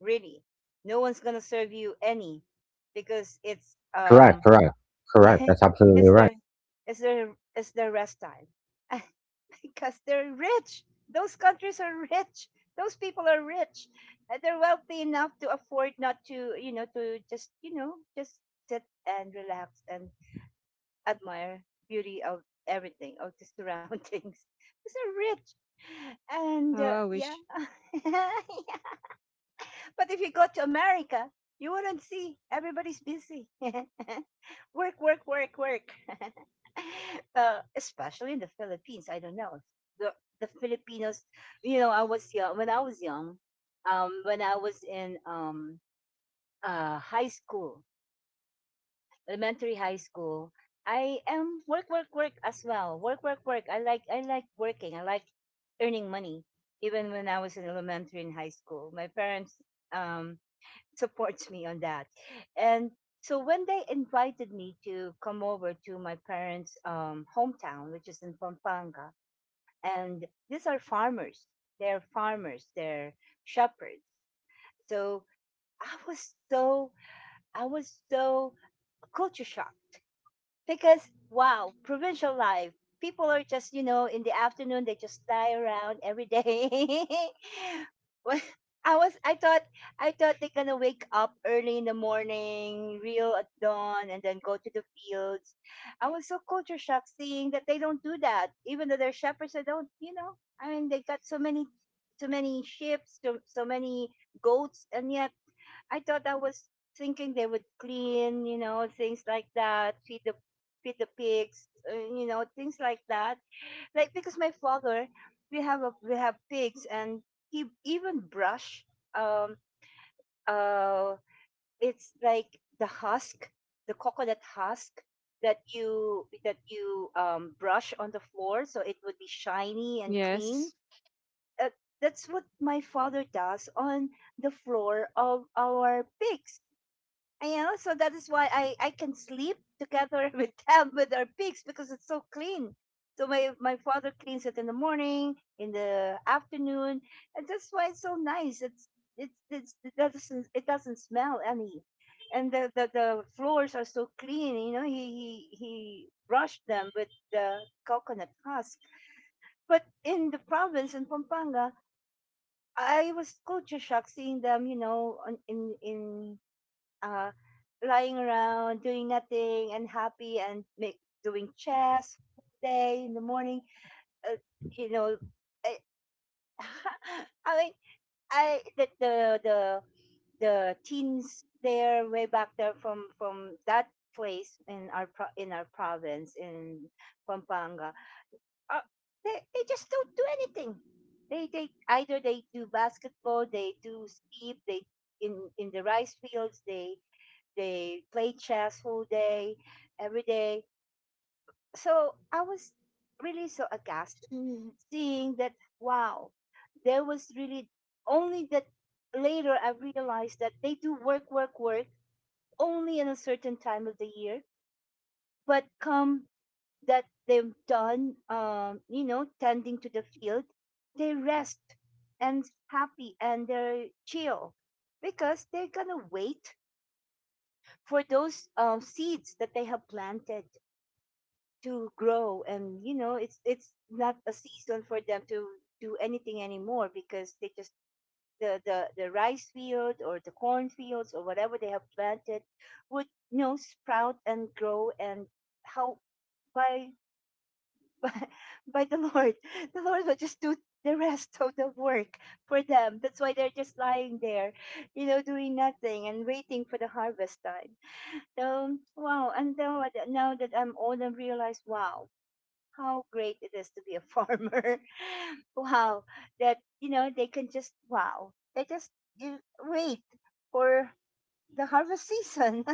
Speaker 1: really. No one's going to serve you any because it's
Speaker 2: Correct, correct, correct. That's absolutely
Speaker 1: it's
Speaker 2: right.
Speaker 1: their it's their rest time. Because they're rich, those countries are rich, those people are rich. They're wealthy enough to afford not to to just just sit and relax and admire beauty of everything of the surroundings because they're rich. And
Speaker 3: How I
Speaker 1: Yeah.
Speaker 3: wish.
Speaker 1: But if you go to America, you wouldn't see. Everybody's busy. Work, work, work, work. Especially in the Philippines. I don't know. The, the Filipinos, I was young, when I was young, when I was in high school, elementary high school, I am work, work, work as well. Work, work, work. I like working. I like earning money. Even when I was in elementary and high school, my parents um, supports me on that. And so when they invited me to come over to my parents' hometown, which is in Pampanga, and these are farmers. They're farmers. They're shepherds. So I was so I was so culture shock because wow, provincial life. People are just, in the afternoon they just lie around every day. Well, I thought they're gonna wake up early in the morning, real at dawn, and then go to the fields. I was so culture shocked seeing that they don't do that, even though they're shepherds. They don't, you know. I mean, they got so many, so many ships, so many goats, and yet I was thinking they would clean, things like that, feed the pigs, you know, things like that. Like because my father, we have pigs, and he even brush. Um, uh, it's like the husk, the coconut husk that you brush on the floor, so it would be shiny and clean.
Speaker 3: Yes.
Speaker 1: Uh, that's what my father does on the floor of our pigs. I know, so that is why I can sleep together with them with our pigs because it's so clean. So my father cleans it in the morning, in the afternoon, and that's why it's so nice. It doesn't smell any, and the floors are so clean. You know, he brushed them with the coconut husk. But in the province in Pampanga, I was culture shocked seeing them. You know, on, in uh, lying around, doing nothing, and happy, and make, doing chess all day in the morning. Uh, you know, I, I mean, I the teens there way back there from that place in our province in Pampanga, uh, they just don't do anything. They either they do basketball, they do sleep, they in the rice fields, they play chess whole day, every day. So I was really so aghast seeing that, wow, there was really only that later I realized that they do work, work, work only in a certain time of the year. But come that they've done, you know, tending to the field, they rest and happy and they're chill because they're gonna wait for those seeds that they have planted to grow. And it's not a season for them to do anything anymore because they just the rice field or the corn fields or whatever they have planted would sprout and grow and how by by, by the Lord. The Lord will just do the rest of the work for them. That's why they're just lying there, doing nothing and waiting for the harvest time. So wow. Now that I'm old, I realize, wow, how great it is to be a farmer. Wow, that they can just, wow, they just you wait for the harvest season.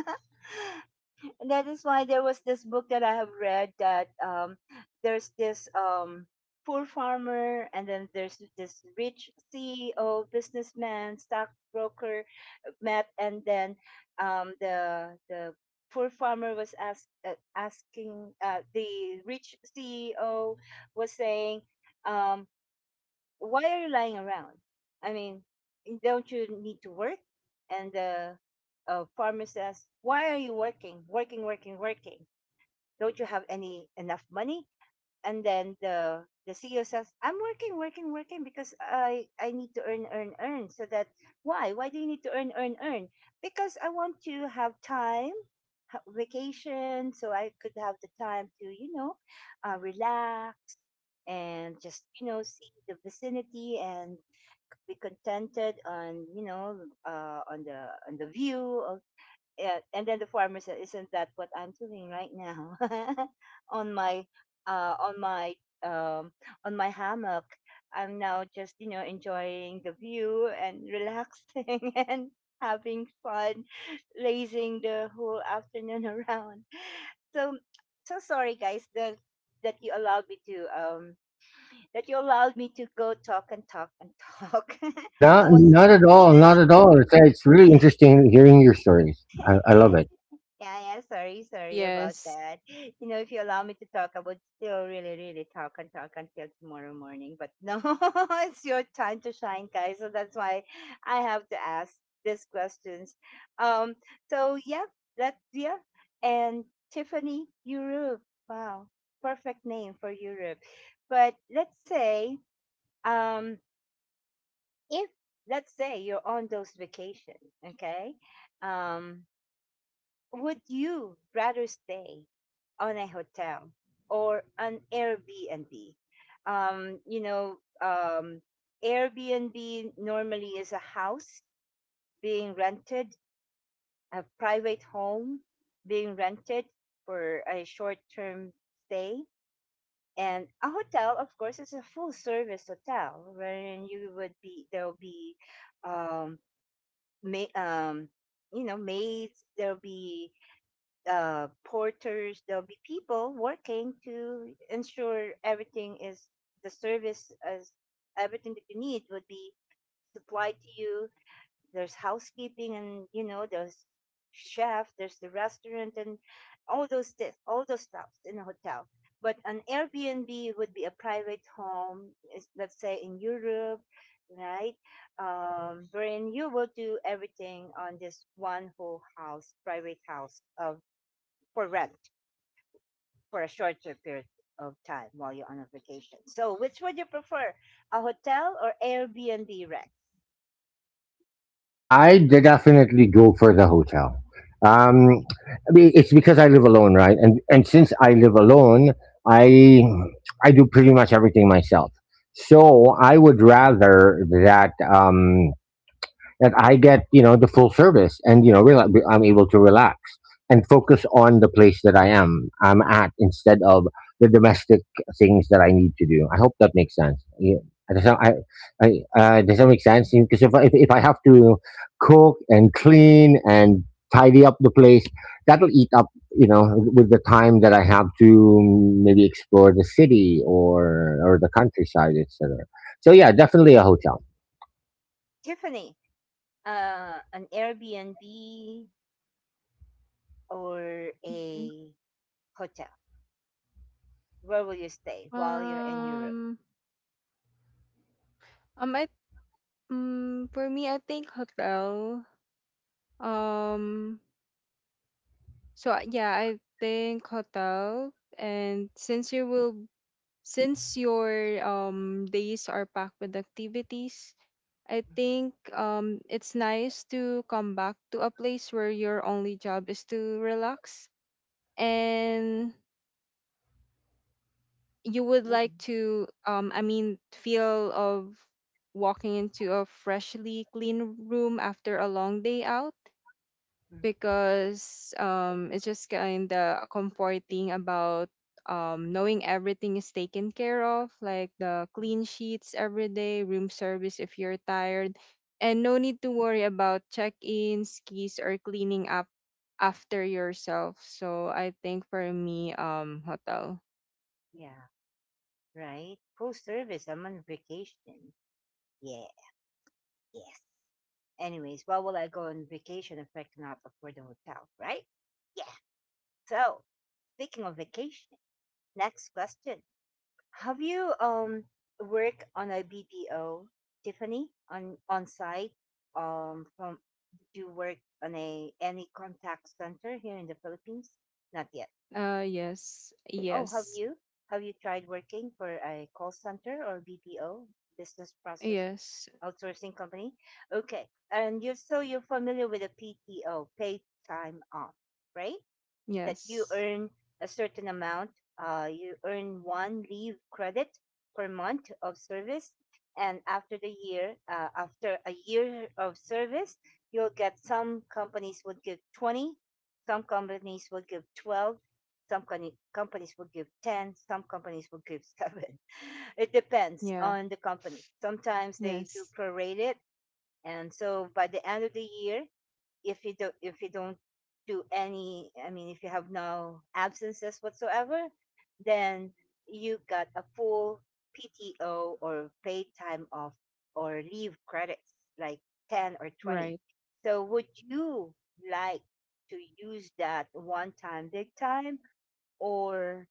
Speaker 1: And that is why there was this book that I have read that there's this poor farmer, and then there's this rich CEO, businessman, stockbroker, met and then the poor farmer was asking the rich CEO was saying, um, "Why are you lying around? I mean, don't you need to work?" And the farmer says, "Why are you working? Working, working, working. Don't you have any enough money? And then the CEO says, "I'm working, working, working because I need to earn, earn, earn." So that why do you need to earn, earn, earn? Because I want to have time, vacation, so I could have the time to, relax and just see the vicinity and be contented on, on the view of. Yeah, and then the farmer said, "Isn't that what I'm doing right now on my uh, on my um, on my hammock? I'm now just enjoying the view and relaxing and having fun, lazing the whole afternoon around." So, sorry, guys, that you allowed me to um that you allowed me to go talk and talk and talk.
Speaker 2: Not,
Speaker 1: No one's.
Speaker 2: not at all. Not at all. It's really interesting hearing your stories. I love it.
Speaker 1: Yeah, yeah, sorry, sorry about
Speaker 3: Yes.
Speaker 1: that. You know, if you allow me to talk, I would still really, really talk and talk until tomorrow morning. But no, it's your time to shine, guys. So that's why I have to ask these questions. Um, so yeah, that's yeah. And Tiffany, Europe. Wow, perfect name for Europe. But let's say, um, if let's say you're on those vacations, okay? Um, would you rather stay on a hotel or an Airbnb? Um, you know, um, Airbnb normally is a house being rented, a private home being rented for a short term stay. And a hotel, of course, is a full service hotel wherein there'll be, um, ma- um, maids, there'll be porters. There'll be people working to ensure everything is the service as everything that you need would be supplied to you. There's housekeeping, and there's chef, there's the restaurant, and all those stuff in a hotel. But an Airbnb would be a private home, let's say in Europe, right? Wherein you will do everything on this one whole house, private house, of for rent for a shorter period of time while you're on a vacation. So, which would you prefer, a hotel or Airbnb rent?
Speaker 2: I did definitely go for the hotel. I mean, it's because I live alone, right? And since I live alone, I I do pretty much everything myself. So I would rather that. That I get, you know, the full service, and, you know, I'm able to relax and focus on the place that I'm at, instead of the domestic things that I need to do. I hope that makes sense. Yeah. Does that, I, I, does that make sense? Because if I have to cook and clean and tidy up the place, that'll eat up, you know, with the time that I have to maybe explore the city
Speaker 1: Mm.
Speaker 2: or the countryside, etc. So yeah, definitely a hotel.
Speaker 1: Tiffany, an Airbnb or
Speaker 3: Mhm.
Speaker 1: a hotel? Where will you stay while you're in Europe?
Speaker 3: Um. I Mm, for me, I think hotel. Um, so yeah, I think hotel. And since your days are packed with activities, I think it's nice to come back to a place where your only job is to relax, and you would like
Speaker 1: Mm-mm,
Speaker 3: to, I mean, feel of walking into a freshly clean room after a long day out,
Speaker 1: mm-mm.
Speaker 3: because it's just kind of comforting about, knowing everything is taken care of, like the clean sheets every day, room service if you're tired, and no need to worry about check ins, keys, or cleaning up after yourself. So I think for me, hotel.
Speaker 1: Yeah, right? Full service. I'm on vacation. Yeah, yes. Anyways, why will I go on vacation if I cannot afford a hotel, right? Yeah. So, speaking of vacation, next question. Have you worked on a BPO, Tiffany, on site? From do you work on a any contact center here in the Philippines? Not yet.
Speaker 3: Yes,
Speaker 1: Oh, have
Speaker 3: yes,
Speaker 1: you? Have you tried working for a call center or BPO, business process
Speaker 3: yes.
Speaker 1: outsourcing company? Okay, and you so you're familiar with the PTO, paid time off, right? That you
Speaker 3: Yes.
Speaker 1: earn a certain amount. You earn one leave credit per month of service, and after a year of service, you'll get some companies would give 20, some companies will give 12, some companies will give ten, some companies will give seven. It depends
Speaker 3: Yeah.
Speaker 1: on the company. Sometimes they do
Speaker 3: Yes.
Speaker 1: prorate it, and so by the end of the year, if you don't, if you don't do any I mean, if you have no absences whatsoever, then you got a full PTO, or paid time off, or leave credits like 10 or 20.
Speaker 3: Right.
Speaker 1: So would you like to use that one time big time, or,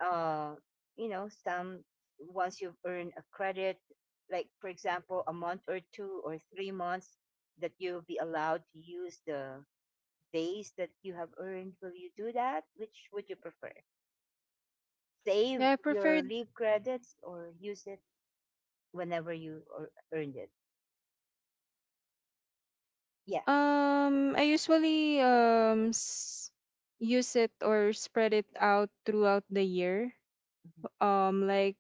Speaker 1: uh you know some once you've earned a credit, like for example a month or 2 or 3 months, that you'll be allowed to use the days that you have earned, will you do that? Which would you prefer? Save
Speaker 3: Yeah, I
Speaker 1: your
Speaker 3: preferred,
Speaker 1: leave credits or use it whenever you earned it? Yeah.
Speaker 3: um I
Speaker 1: Mhm,
Speaker 3: usually um use it or spread it out throughout the year.
Speaker 1: mhm,
Speaker 3: Like,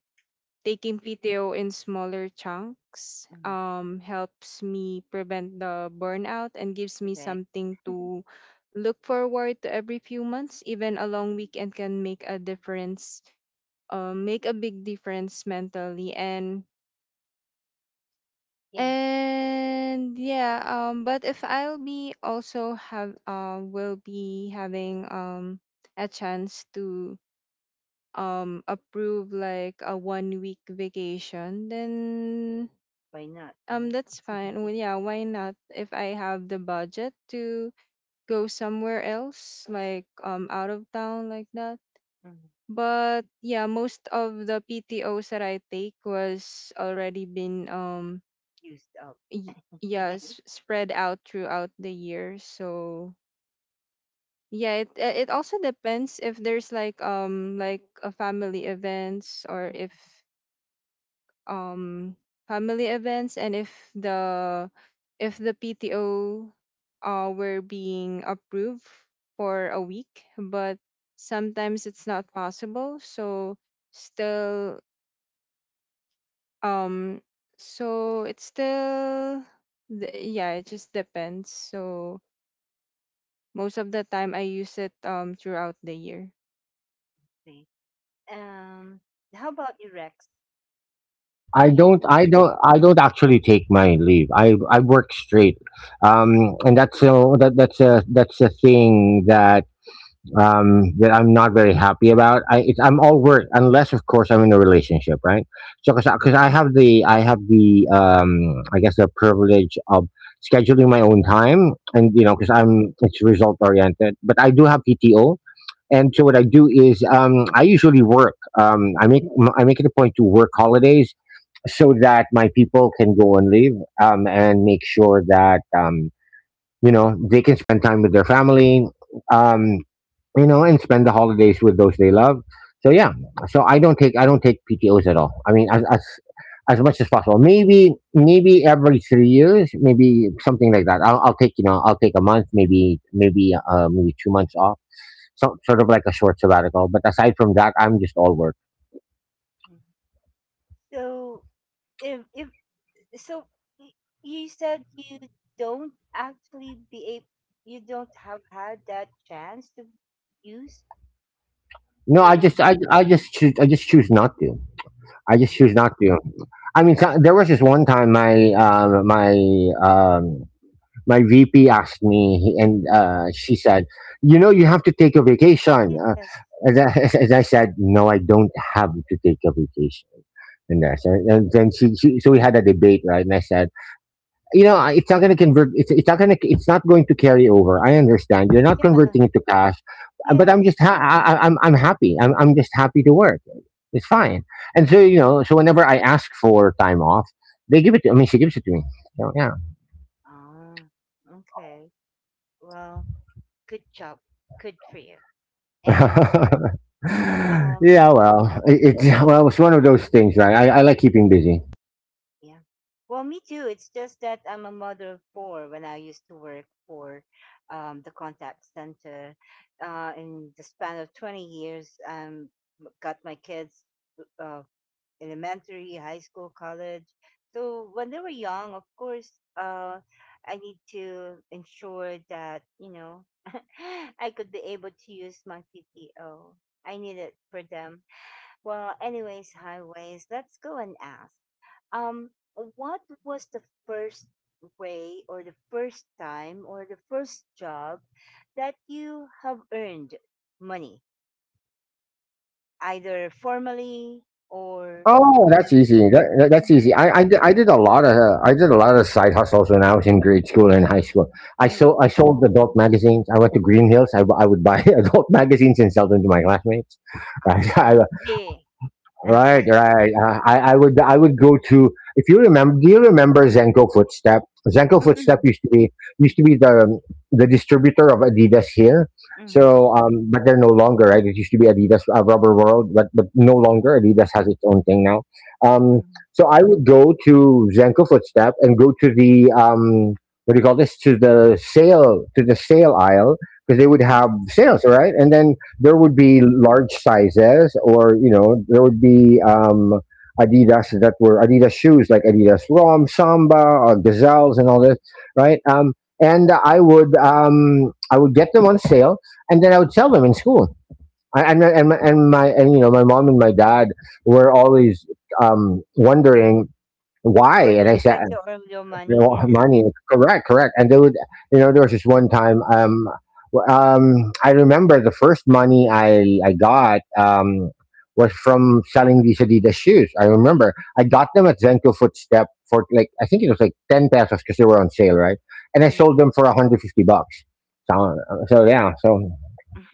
Speaker 3: taking PTO in smaller chunks
Speaker 1: mhm.
Speaker 3: helps me prevent the burnout, and gives me
Speaker 1: Correct.
Speaker 3: something to look forward to every few months. Even a long
Speaker 1: Mhm.
Speaker 3: weekend can make a difference, make a big difference mentally, and.
Speaker 1: Yeah.
Speaker 3: And yeah, but if I'll be also have, will be having, a chance to approve like a one week vacation, then
Speaker 1: Why not, right?
Speaker 3: that's fine. Well, yeah, why not? If I have the budget to go somewhere else, like out of town like that.
Speaker 1: Mhm.
Speaker 3: But yeah, most of the PTOs that I take was already been,
Speaker 1: Used up.
Speaker 3: yeah, spread out throughout the year. So yeah, it it also depends, if there's like a family events, or
Speaker 1: Mhm.
Speaker 3: if um family events. And if the PTO were being approved for a week, but sometimes it's not possible, so still, um so it's still the, yeah, it just depends. So most of the time, I use it throughout the year.
Speaker 1: See. Um, how about you, Rex? Do you?
Speaker 2: I don't actually take my leave. I work straight, and that's a thing that, that I'm not very happy about. I'm all work, unless of course I'm in a relationship, right? So, 'cause I have the, I guess, the privilege of scheduling my own time, and you know, because
Speaker 1: Mhm,
Speaker 2: I'm, it's result oriented, but I do have PTO. And so what I do is, I usually work. I make it a point to work holidays, so that my people can go and leave, and make sure that, you know, they can spend time with their family. Um, you know, and spend the holidays with those they love. So yeah, so I don't take PTOs at all. I mean, as much as possible. Maybe every 3 years, maybe something like that. I'll take a month, maybe, maybe 2 months off, so, sort of like a short sabbatical. But aside from that, I'm just all work.
Speaker 1: mhm. So, if so y- you said you don't actually be able, you don't have had that chance to use
Speaker 2: No,
Speaker 1: your
Speaker 2: I just choose not to. I just
Speaker 1: um,
Speaker 2: choose not to. I mean, so, there was this one time my VP asked me, and,
Speaker 1: mm,
Speaker 2: she said, "You know, you have to take a vacation."
Speaker 1: yes,
Speaker 2: And I said, "No, I don't have to take a vacation." And, I said, and then so we had a debate, right? And I said, "You know, it's not going to convert. It's not going to. It's not going to carry over. I understand. You're not
Speaker 1: yeah,
Speaker 2: converting it to cash, but I'm
Speaker 1: yes,
Speaker 2: just. I'm happy. I'm just happy to work. It's fine." And so, you know, so whenever I ask for time off, they give it. To I mean, she gives it to me. So yeah.
Speaker 1: ah, okay. Well, good job, good for you. and um
Speaker 2: Yeah, well, it well, it's one of those things, right? I like keeping busy.
Speaker 1: yeah. Well, me too. It's just that I'm a mother of four when I used to work for the contact center. In the span of 20 years, got my kids, uh, elementary, high school, college. So when they were young, of course, I need to ensure that, I could be able to use my PTO. I need it for them. Well, anyways, highways, let's go and ask, um what was the first way, or the first time, or the first job that you have earned money, either formally or
Speaker 2: Oh,
Speaker 1: you
Speaker 2: that's
Speaker 1: know
Speaker 2: easy. That's
Speaker 1: mm,
Speaker 2: easy. I did a lot of, side hustles when I was in grade school and high school.
Speaker 1: mm,
Speaker 2: I
Speaker 1: mm.
Speaker 2: sold adult magazines. I went to Green Hills. I would buy adult magazines and sell them to my classmates.
Speaker 1: Ah,
Speaker 2: Right?
Speaker 1: ING.
Speaker 2: Right, right. I would go to. If you remember, do you remember Zenko Footstep? Zenko
Speaker 1: Mm,
Speaker 2: Footstep
Speaker 1: mm,
Speaker 2: used to be used to be the distributor of Adidas here.
Speaker 1: mm,
Speaker 2: So, but they're no longer. Right, it used to be Adidas, Rubber World, but no longer. Adidas has its own thing now. Um,
Speaker 1: mm,
Speaker 2: so I would go to Zenko Footstep and go to the, what do you call this? To the sale aisle, because they would have
Speaker 1: mm,
Speaker 2: sales, right? And then there
Speaker 1: mm.
Speaker 2: would be large sizes, or, you know, there would be Adidas, that were Adidas shoes, like Adidas Rom Samba or Gazelles and all this, right? And I would get them on sale, and then I would sell them in school. And my and you know My mom and my dad were always, wondering why,
Speaker 1: Where
Speaker 2: and
Speaker 1: did
Speaker 2: I
Speaker 1: you
Speaker 2: said
Speaker 1: get your all your
Speaker 2: they
Speaker 1: money?
Speaker 2: won't have money. Correct, correct. And they would, you know, there was this one time. I remember the first money I got, was from selling these Adidas shoes. I got them at Zenko Footstep for, like, I think it was like 10 pesos, because they were on sale, right? And I
Speaker 1: Mm.
Speaker 2: sold them for $150. So, so yeah, so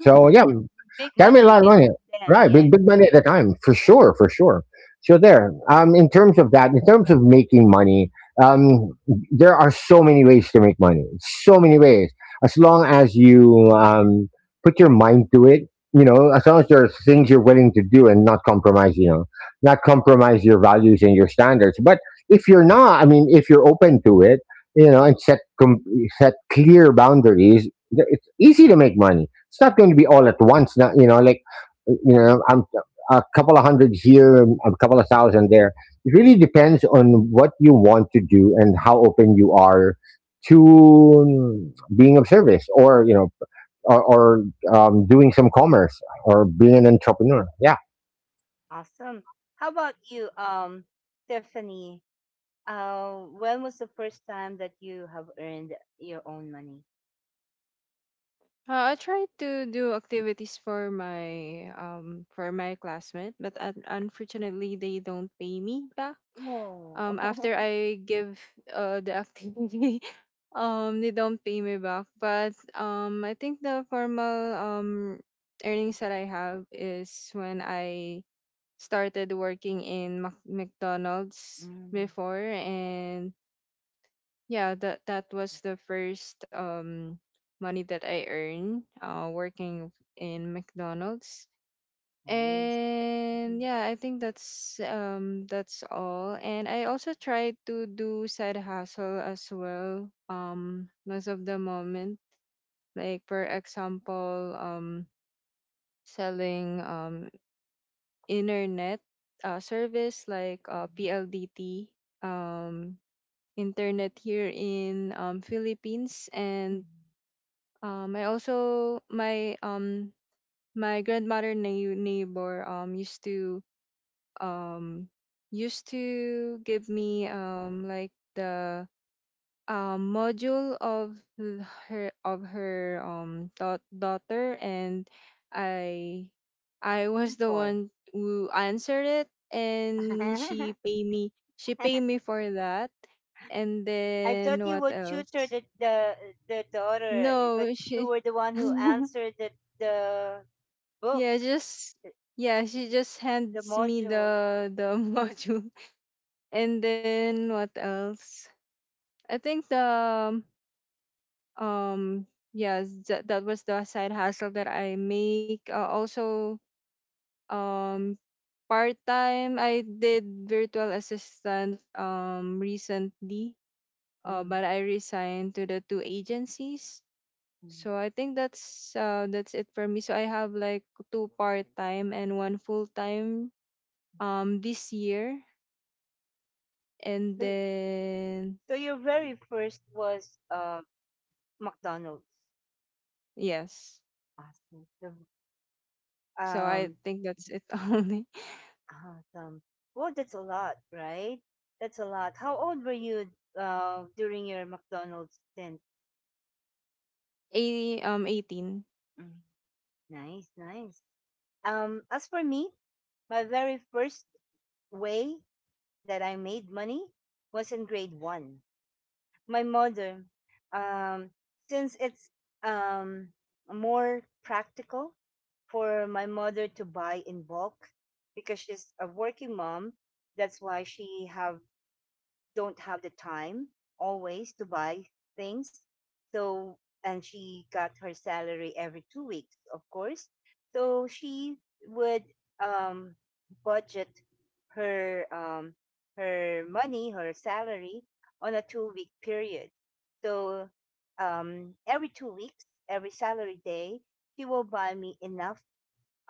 Speaker 2: so yeah.
Speaker 1: Big
Speaker 2: That made a
Speaker 1: money
Speaker 2: lot of
Speaker 1: way
Speaker 2: money,
Speaker 1: back then,
Speaker 2: right?
Speaker 1: yeah.
Speaker 2: Big money at the time, for sure, for sure. So there, in terms of making money, um, there are so many ways to make money. So many ways. As long as you, put your mind to it, you know, as long as there are things you're willing to do and not compromise, you know, not compromise your values and your standards. But if you're not, I mean, if you're open to it, you know, and set clear boundaries, it's easy to make money. It's not going to be all at once. Not, you know, like, you know, I'm a couple of hundred here, a couple of thousand there. It really depends on what you want to do and how open you are to, being of service, or, you know, or doing some commerce, or being an entrepreneur. Yeah.
Speaker 1: Awesome. How about you, Stephanie? When was the first time that you have earned your own money?
Speaker 3: I try to do activities for my classmate, but unfortunately, they don't pay me back.
Speaker 1: Oh,
Speaker 3: After I give the activity, they don't pay me back. But I think the formal earnings that I have, is when I started working in McDonald's
Speaker 1: Mm,
Speaker 3: before, and yeah, that was the first money that I earned working in McDonald's.
Speaker 1: nice.
Speaker 3: And
Speaker 1: Mhm.
Speaker 3: yeah, I think that's all. And I also tried to do side hustle as well, most of the moment. Like for example, selling internet service like PLDT um internet here in Philippines, and.
Speaker 1: Mhm.
Speaker 3: I also, my my grandmother neighbor, used to um used to give me, like the module of her daughter, and I I was the
Speaker 1: Tutor.
Speaker 3: one who answered it, and she pay me for that. And
Speaker 1: I
Speaker 3: then
Speaker 1: thought you
Speaker 3: what
Speaker 1: would tutor
Speaker 3: else?
Speaker 1: the, the daughter, but
Speaker 3: No,
Speaker 1: you
Speaker 3: she.
Speaker 1: were the one who answered the the book,
Speaker 3: Yeah, just
Speaker 1: the
Speaker 3: yeah, she just hands me
Speaker 1: module.
Speaker 3: the module. And then what else? I think the, um yeah, that was the side hustle that I make. Also, um part time I did virtual assistant, recently.
Speaker 1: Mm.
Speaker 3: But I resigned to the two agencies.
Speaker 1: Mm.
Speaker 3: So I think that's it for me. So I have like two-part time and one full time, this year, and
Speaker 1: So,
Speaker 3: then
Speaker 1: your very first was McDonald's.
Speaker 3: yes,
Speaker 1: Awesome.
Speaker 3: so I
Speaker 1: Um,
Speaker 3: think that's it. Only
Speaker 1: Awesome. Well, that's a lot, right? That's a lot. How old were you, during your McDonald's stint?
Speaker 3: 80, 18.
Speaker 1: Mm, nice, nice. As for me, my very first way that I made money was in grade one. My mother, um, since it's, um, more practical for my mother to buy in bulk because she's a working mom, that's why she have don't have the time always to buy things. So, and she got her salary every 2 weeks, of course. So she would, um, budget her, her money, her salary, on a 2-week period. So, every 2 weeks, every salary day, she will buy me enough,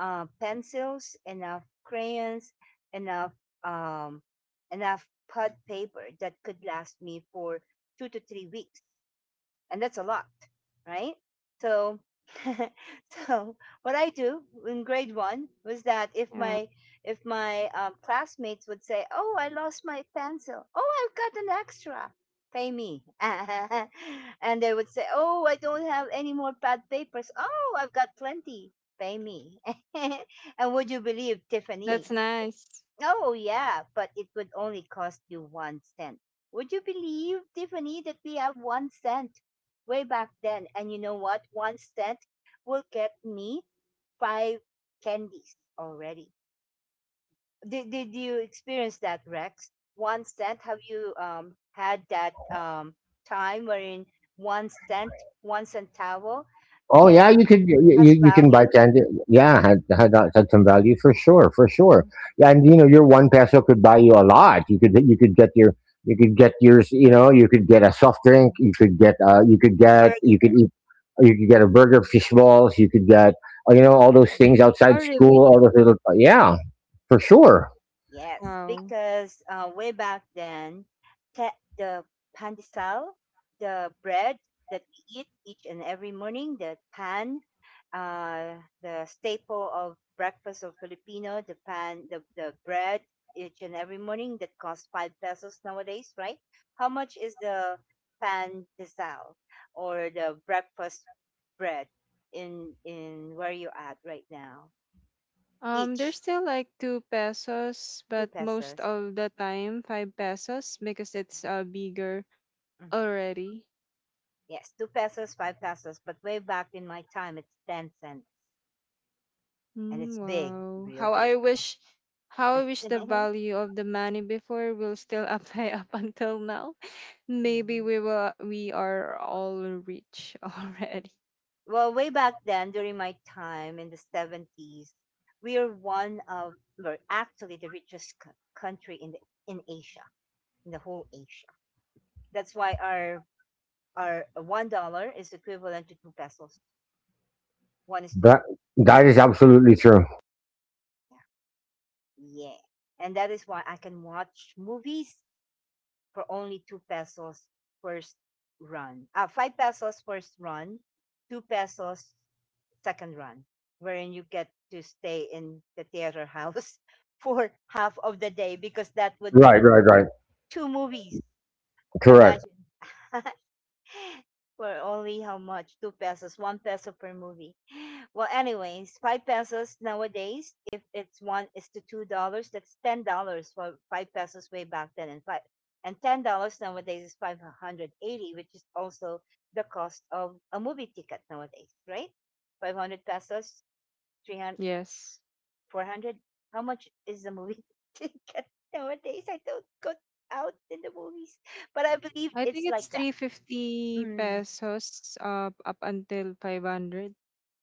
Speaker 1: pencils, enough crayons, enough, um, enough pad paper that could last me for 2 to 3 weeks, and that's a lot, right? So, so what I do in grade one was that
Speaker 3: Yeah,
Speaker 1: if my, classmates would say, "Oh, I lost my pencil. Oh, I've got an extra. Pay me." And they would say, "Oh, I don't have any more bad papers. Oh, I've got plenty. Pay me." And would you believe,
Speaker 3: that's
Speaker 1: Tiffany?
Speaker 3: nice.
Speaker 1: Oh, yeah, but it would only cost you 1 cent. Would you believe, Tiffany, that we have 1 cent way back then? And you know what? 1 cent will get me five candies already. Did you experience that, Rex? 1 cent? Have you, had that, time wherein 1 cent, one centavo
Speaker 2: Oh yeah,
Speaker 1: can
Speaker 2: you could you,
Speaker 1: has
Speaker 2: you you can buy
Speaker 1: value?
Speaker 2: candy. Yeah, had some value, for sure, for sure. Yeah. And you know, your 1 peso could buy you a lot. You could get your you could get yours. You know, you could get a soft drink.
Speaker 1: Burger.
Speaker 2: You could get a burger, fish balls. You could get, you know, all those things
Speaker 1: So
Speaker 2: outside
Speaker 3: Oh
Speaker 2: school.
Speaker 3: really?
Speaker 2: All those little, yeah, for sure.
Speaker 1: yes,
Speaker 3: Wow.
Speaker 1: because, way back then, the pandesal, the bread that we eat each and every morning, the staple of breakfast of Filipino, the bread each and every morning that costs 5 pesos nowadays, right? How much is the pandesal or the breakfast bread in where you at right now?
Speaker 3: There's
Speaker 1: Each
Speaker 3: still like 2 pesos,
Speaker 1: two
Speaker 3: but most
Speaker 1: pesos.
Speaker 3: of the time 5 pesos, because it's bigger
Speaker 1: Mm-hmm.
Speaker 3: already.
Speaker 1: Yes, 2 pesos, 5 pesos, but way back in my time, it's 10 cents. And
Speaker 3: Mm,
Speaker 1: it's big,
Speaker 3: wow.
Speaker 1: real
Speaker 3: How I
Speaker 1: big.
Speaker 3: wish, the value of the money before will still apply up until now. Maybe
Speaker 1: Yeah.
Speaker 3: we are all rich already.
Speaker 1: Well, way back then, during my time in the '70s, we are one of, we're actually the richest country in Asia, in the whole Asia. That's why our $1 is equivalent to 2 pesos. One is to
Speaker 2: That
Speaker 1: two.
Speaker 2: that is absolutely true.
Speaker 1: Yeah, yeah. And that is why I can watch movies for only 2 pesos first run. 5 pesos first run, 2 pesos second run, wherein you get to stay in the theater house for half of the day because that would be
Speaker 2: Right, right, right.
Speaker 1: two movies.
Speaker 2: Correct.
Speaker 1: Imagine. For only how much? 2 pesos, 1 peso per movie. Well, anyways, 5 pesos nowadays. If it's one is to $2, that's $10 for 5 pesos way back then, and $5 and $10 nowadays is 580, which is also the cost of a movie ticket nowadays, right? 500 pesos, 300,
Speaker 3: Yes.
Speaker 1: 400. How much is the movie ticket nowadays? I don't go out in the movies, but I believe
Speaker 3: I
Speaker 1: it's
Speaker 3: think
Speaker 1: like
Speaker 3: it's
Speaker 1: that.
Speaker 3: 350
Speaker 1: Mm,
Speaker 3: pesos up until 500.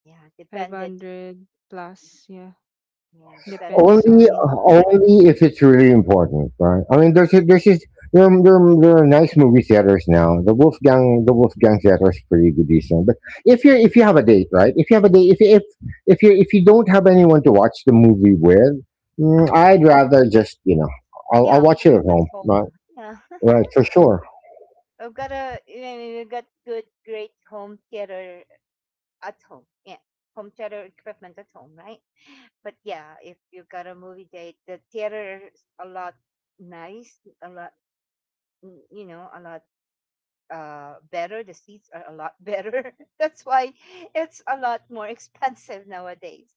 Speaker 1: yeah, depended.
Speaker 3: 500 plus, yeah.
Speaker 1: Yeah, dependent on
Speaker 3: Depends
Speaker 2: Only,
Speaker 1: the
Speaker 3: on the,
Speaker 1: cinema.
Speaker 2: Only if it's really important, right? I mean, there's just, there are nice movie theaters now. The Wolfgang theater is pretty good, decent. But if you have a date, right? If you have a date, if you don't have anyone to watch the movie with,
Speaker 1: I would,
Speaker 2: I'd rather just,
Speaker 1: yeah,
Speaker 2: I'll
Speaker 1: I
Speaker 2: watch
Speaker 1: would
Speaker 2: it at
Speaker 1: sit at
Speaker 2: home,
Speaker 1: home.
Speaker 2: right?
Speaker 1: Huh? Yeah,
Speaker 2: Right, for sure.
Speaker 1: I've got a, you know, we've got good, great home theater at home. Yeah, home theater equipment at home, right? But yeah, if you've got a movie date, the theater is a lot nice, a lot, a lot better. The seats are a lot better, that's why it's a lot more expensive nowadays.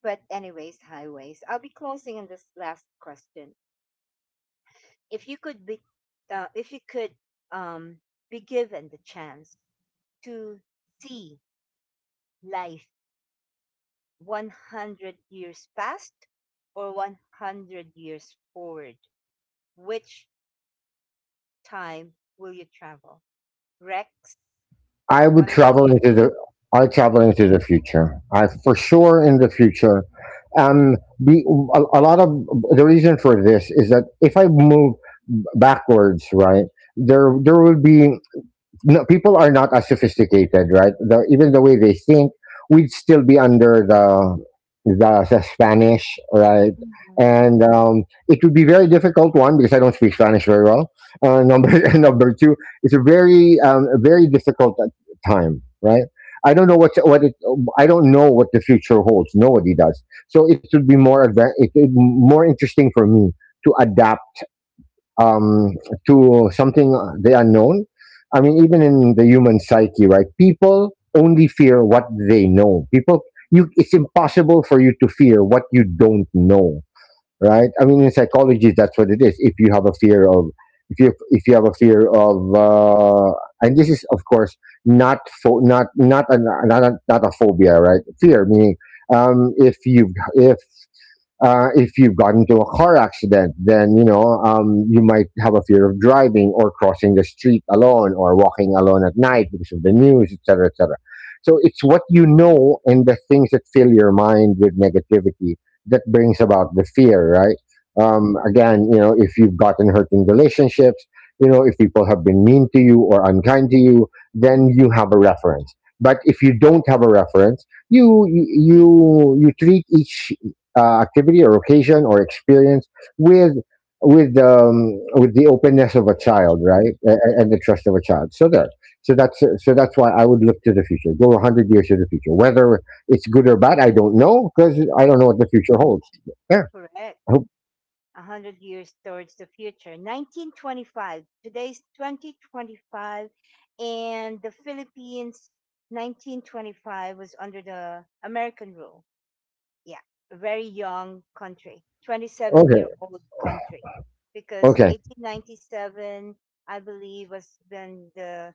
Speaker 1: But anyways, highways, I'll be closing in this last question. If you could be uh, if you could, um, be given the chance to see life 100 years past or 100 years forward, which time will you travel, Rex?
Speaker 2: I would
Speaker 1: 100
Speaker 2: travel
Speaker 1: years.
Speaker 2: into the I travel
Speaker 1: Mhm.
Speaker 2: into the future. I, for sure, in the future. Um, the, a lot of the reason for this is that if I move backwards, right, there will be, no, people are not as sophisticated, right? Even the way they think, we'd still be under the Spanish, right? And, it would be very difficult one, because I don't speak Spanish very well. Number and number two, it's a very, a very difficult, time, right? I don't know what what it, I don't know what the future holds. Nobody does. So it would be more advan- it more interesting for me to adapt, um, to something, the unknown. I mean, even in the human psyche, right? People only fear what they know. It's impossible for you to fear what you don't know, right? I mean, in psychology, that's what it is. If you have a fear of, If you have a fear of, and this is, of course, not pho- not not a, not a phobia, right? Fear, meaning. Um, if you if if you've gotten into a car accident, then, you know, you might have a fear of driving or crossing the street alone or walking alone at night because of the news, etc., etc. So it's what you know, and the things that fill your mind with negativity, that brings about the fear, right? Again, you know, if you've gotten hurt in relationships, you know, if people have been mean to you or unkind to you, then you have a reference. But if you don't have a reference, you treat each, activity or occasion or experience with, with the openness of a child,
Speaker 1: Passion.
Speaker 2: right, and the trust of a child. So there, so that's why I would look to the future, go 100 years to the future. Whether it's good or bad, I don't know, because I don't know what
Speaker 1: Yeah.
Speaker 2: the future holds. Yeah.
Speaker 1: Correct.
Speaker 2: Ho-
Speaker 1: 100 years towards the future. 1925, today's 2025, and the Philippines 1925 was under the American rule. Yeah, a very young country, 27 year
Speaker 2: Okay.
Speaker 1: old country, because
Speaker 2: Okay.
Speaker 1: 1897, I believe, was when the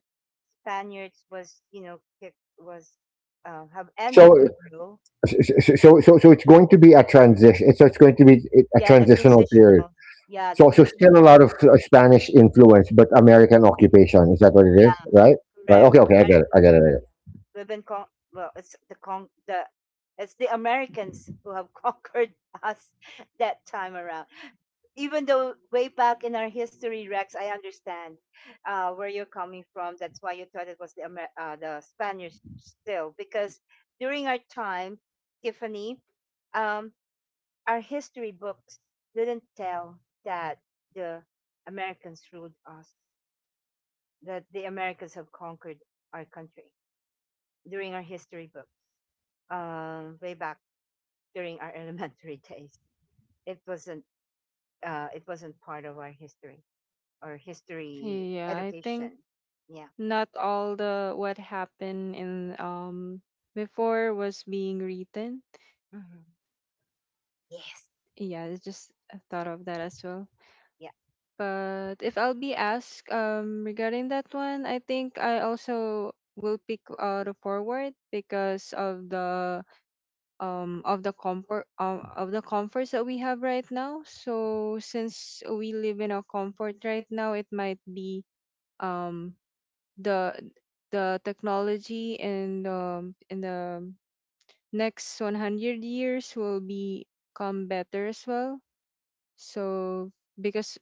Speaker 1: Spaniards was, was, have
Speaker 2: So
Speaker 1: ended the rule.
Speaker 2: so it's going to be a transition. So it's going to be a
Speaker 1: Yeah, the
Speaker 2: transitional period.
Speaker 1: transitional. Yeah, the
Speaker 2: So still a
Speaker 1: transitional.
Speaker 2: lot of, Spanish influence, but American
Speaker 1: Yeah,
Speaker 2: occupation. Is that what it is?
Speaker 1: yeah.
Speaker 2: Right. Right.
Speaker 1: Correct.
Speaker 2: Okay. Okay. I get it. I
Speaker 1: Americans,
Speaker 2: get it. I get
Speaker 1: yeah.
Speaker 2: it.
Speaker 1: Well, it's the Americans who have conquered us that time around. Even though way back in our history, Rex, I understand, where you're coming from. That's why you thought it was the Spaniards still, because during our time, Tiffany, um, our history books didn't tell that the Americans ruled us, that the Americans have conquered our country during our history book, way back during our elementary days. It wasn't it wasn't part of our history or history
Speaker 3: yeah, I think
Speaker 1: education. Yeah.
Speaker 3: not all the what happened in before was being written.
Speaker 1: Mm-hmm. Yes.
Speaker 3: Yeah, I just thought of that as well.
Speaker 1: Yeah.
Speaker 3: But if I'll be asked regarding that one, I think I also will pick, the forward, because of the comfort, of the comforts that we have right now. So since we live in a comfort right now, it might be um the technology, and in the next 100 years will become better as well. So because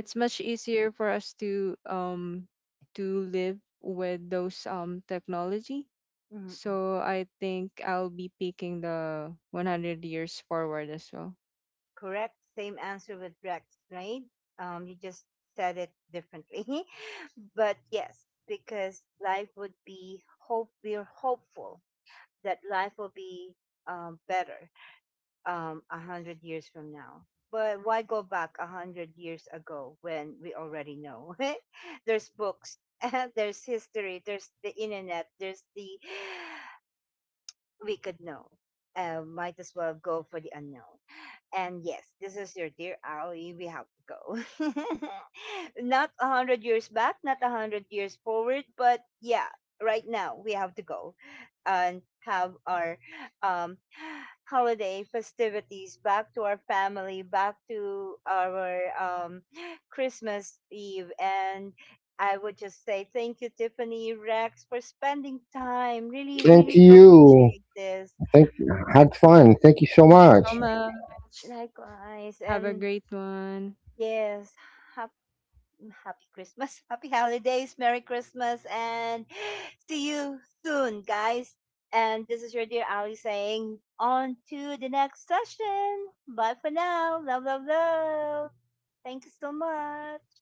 Speaker 3: it's much easier for us to live with those technology.
Speaker 1: Mm, mm.
Speaker 3: So I think I'll be picking the 100 years forward as well.
Speaker 1: Correct. Same answer with Rex, right? You just said it differently, but yes, because life would be hope. We're hopeful that life will be, better, 100 years from now. But why go back 100 years ago when we already know? There's books, there's history, there's the internet, there's the we could know. Might as well go for the unknown. And yes, this is your dear Ali. We have to go. Not 100 years back, not a hundred years forward, but yeah, right now we have to go and have our, um, holiday festivities back to our family, back to our, Christmas Eve, and. I would just say thank you, Tiffany, Rex, for spending time. Really,
Speaker 2: Thank
Speaker 1: really do
Speaker 2: you.
Speaker 1: appreciate this.
Speaker 2: Thank you. Had fun. Thank you so
Speaker 3: Thank you
Speaker 2: much.
Speaker 3: so much.
Speaker 1: Likewise.
Speaker 3: Have a
Speaker 1: And
Speaker 3: great one.
Speaker 1: yes, mm, Happy Christmas, happy holidays, Merry Christmas, and see you soon, guys. And this is your dear Ali saying, on to the next session. Bye for now. Love, love, love. Thank you so much.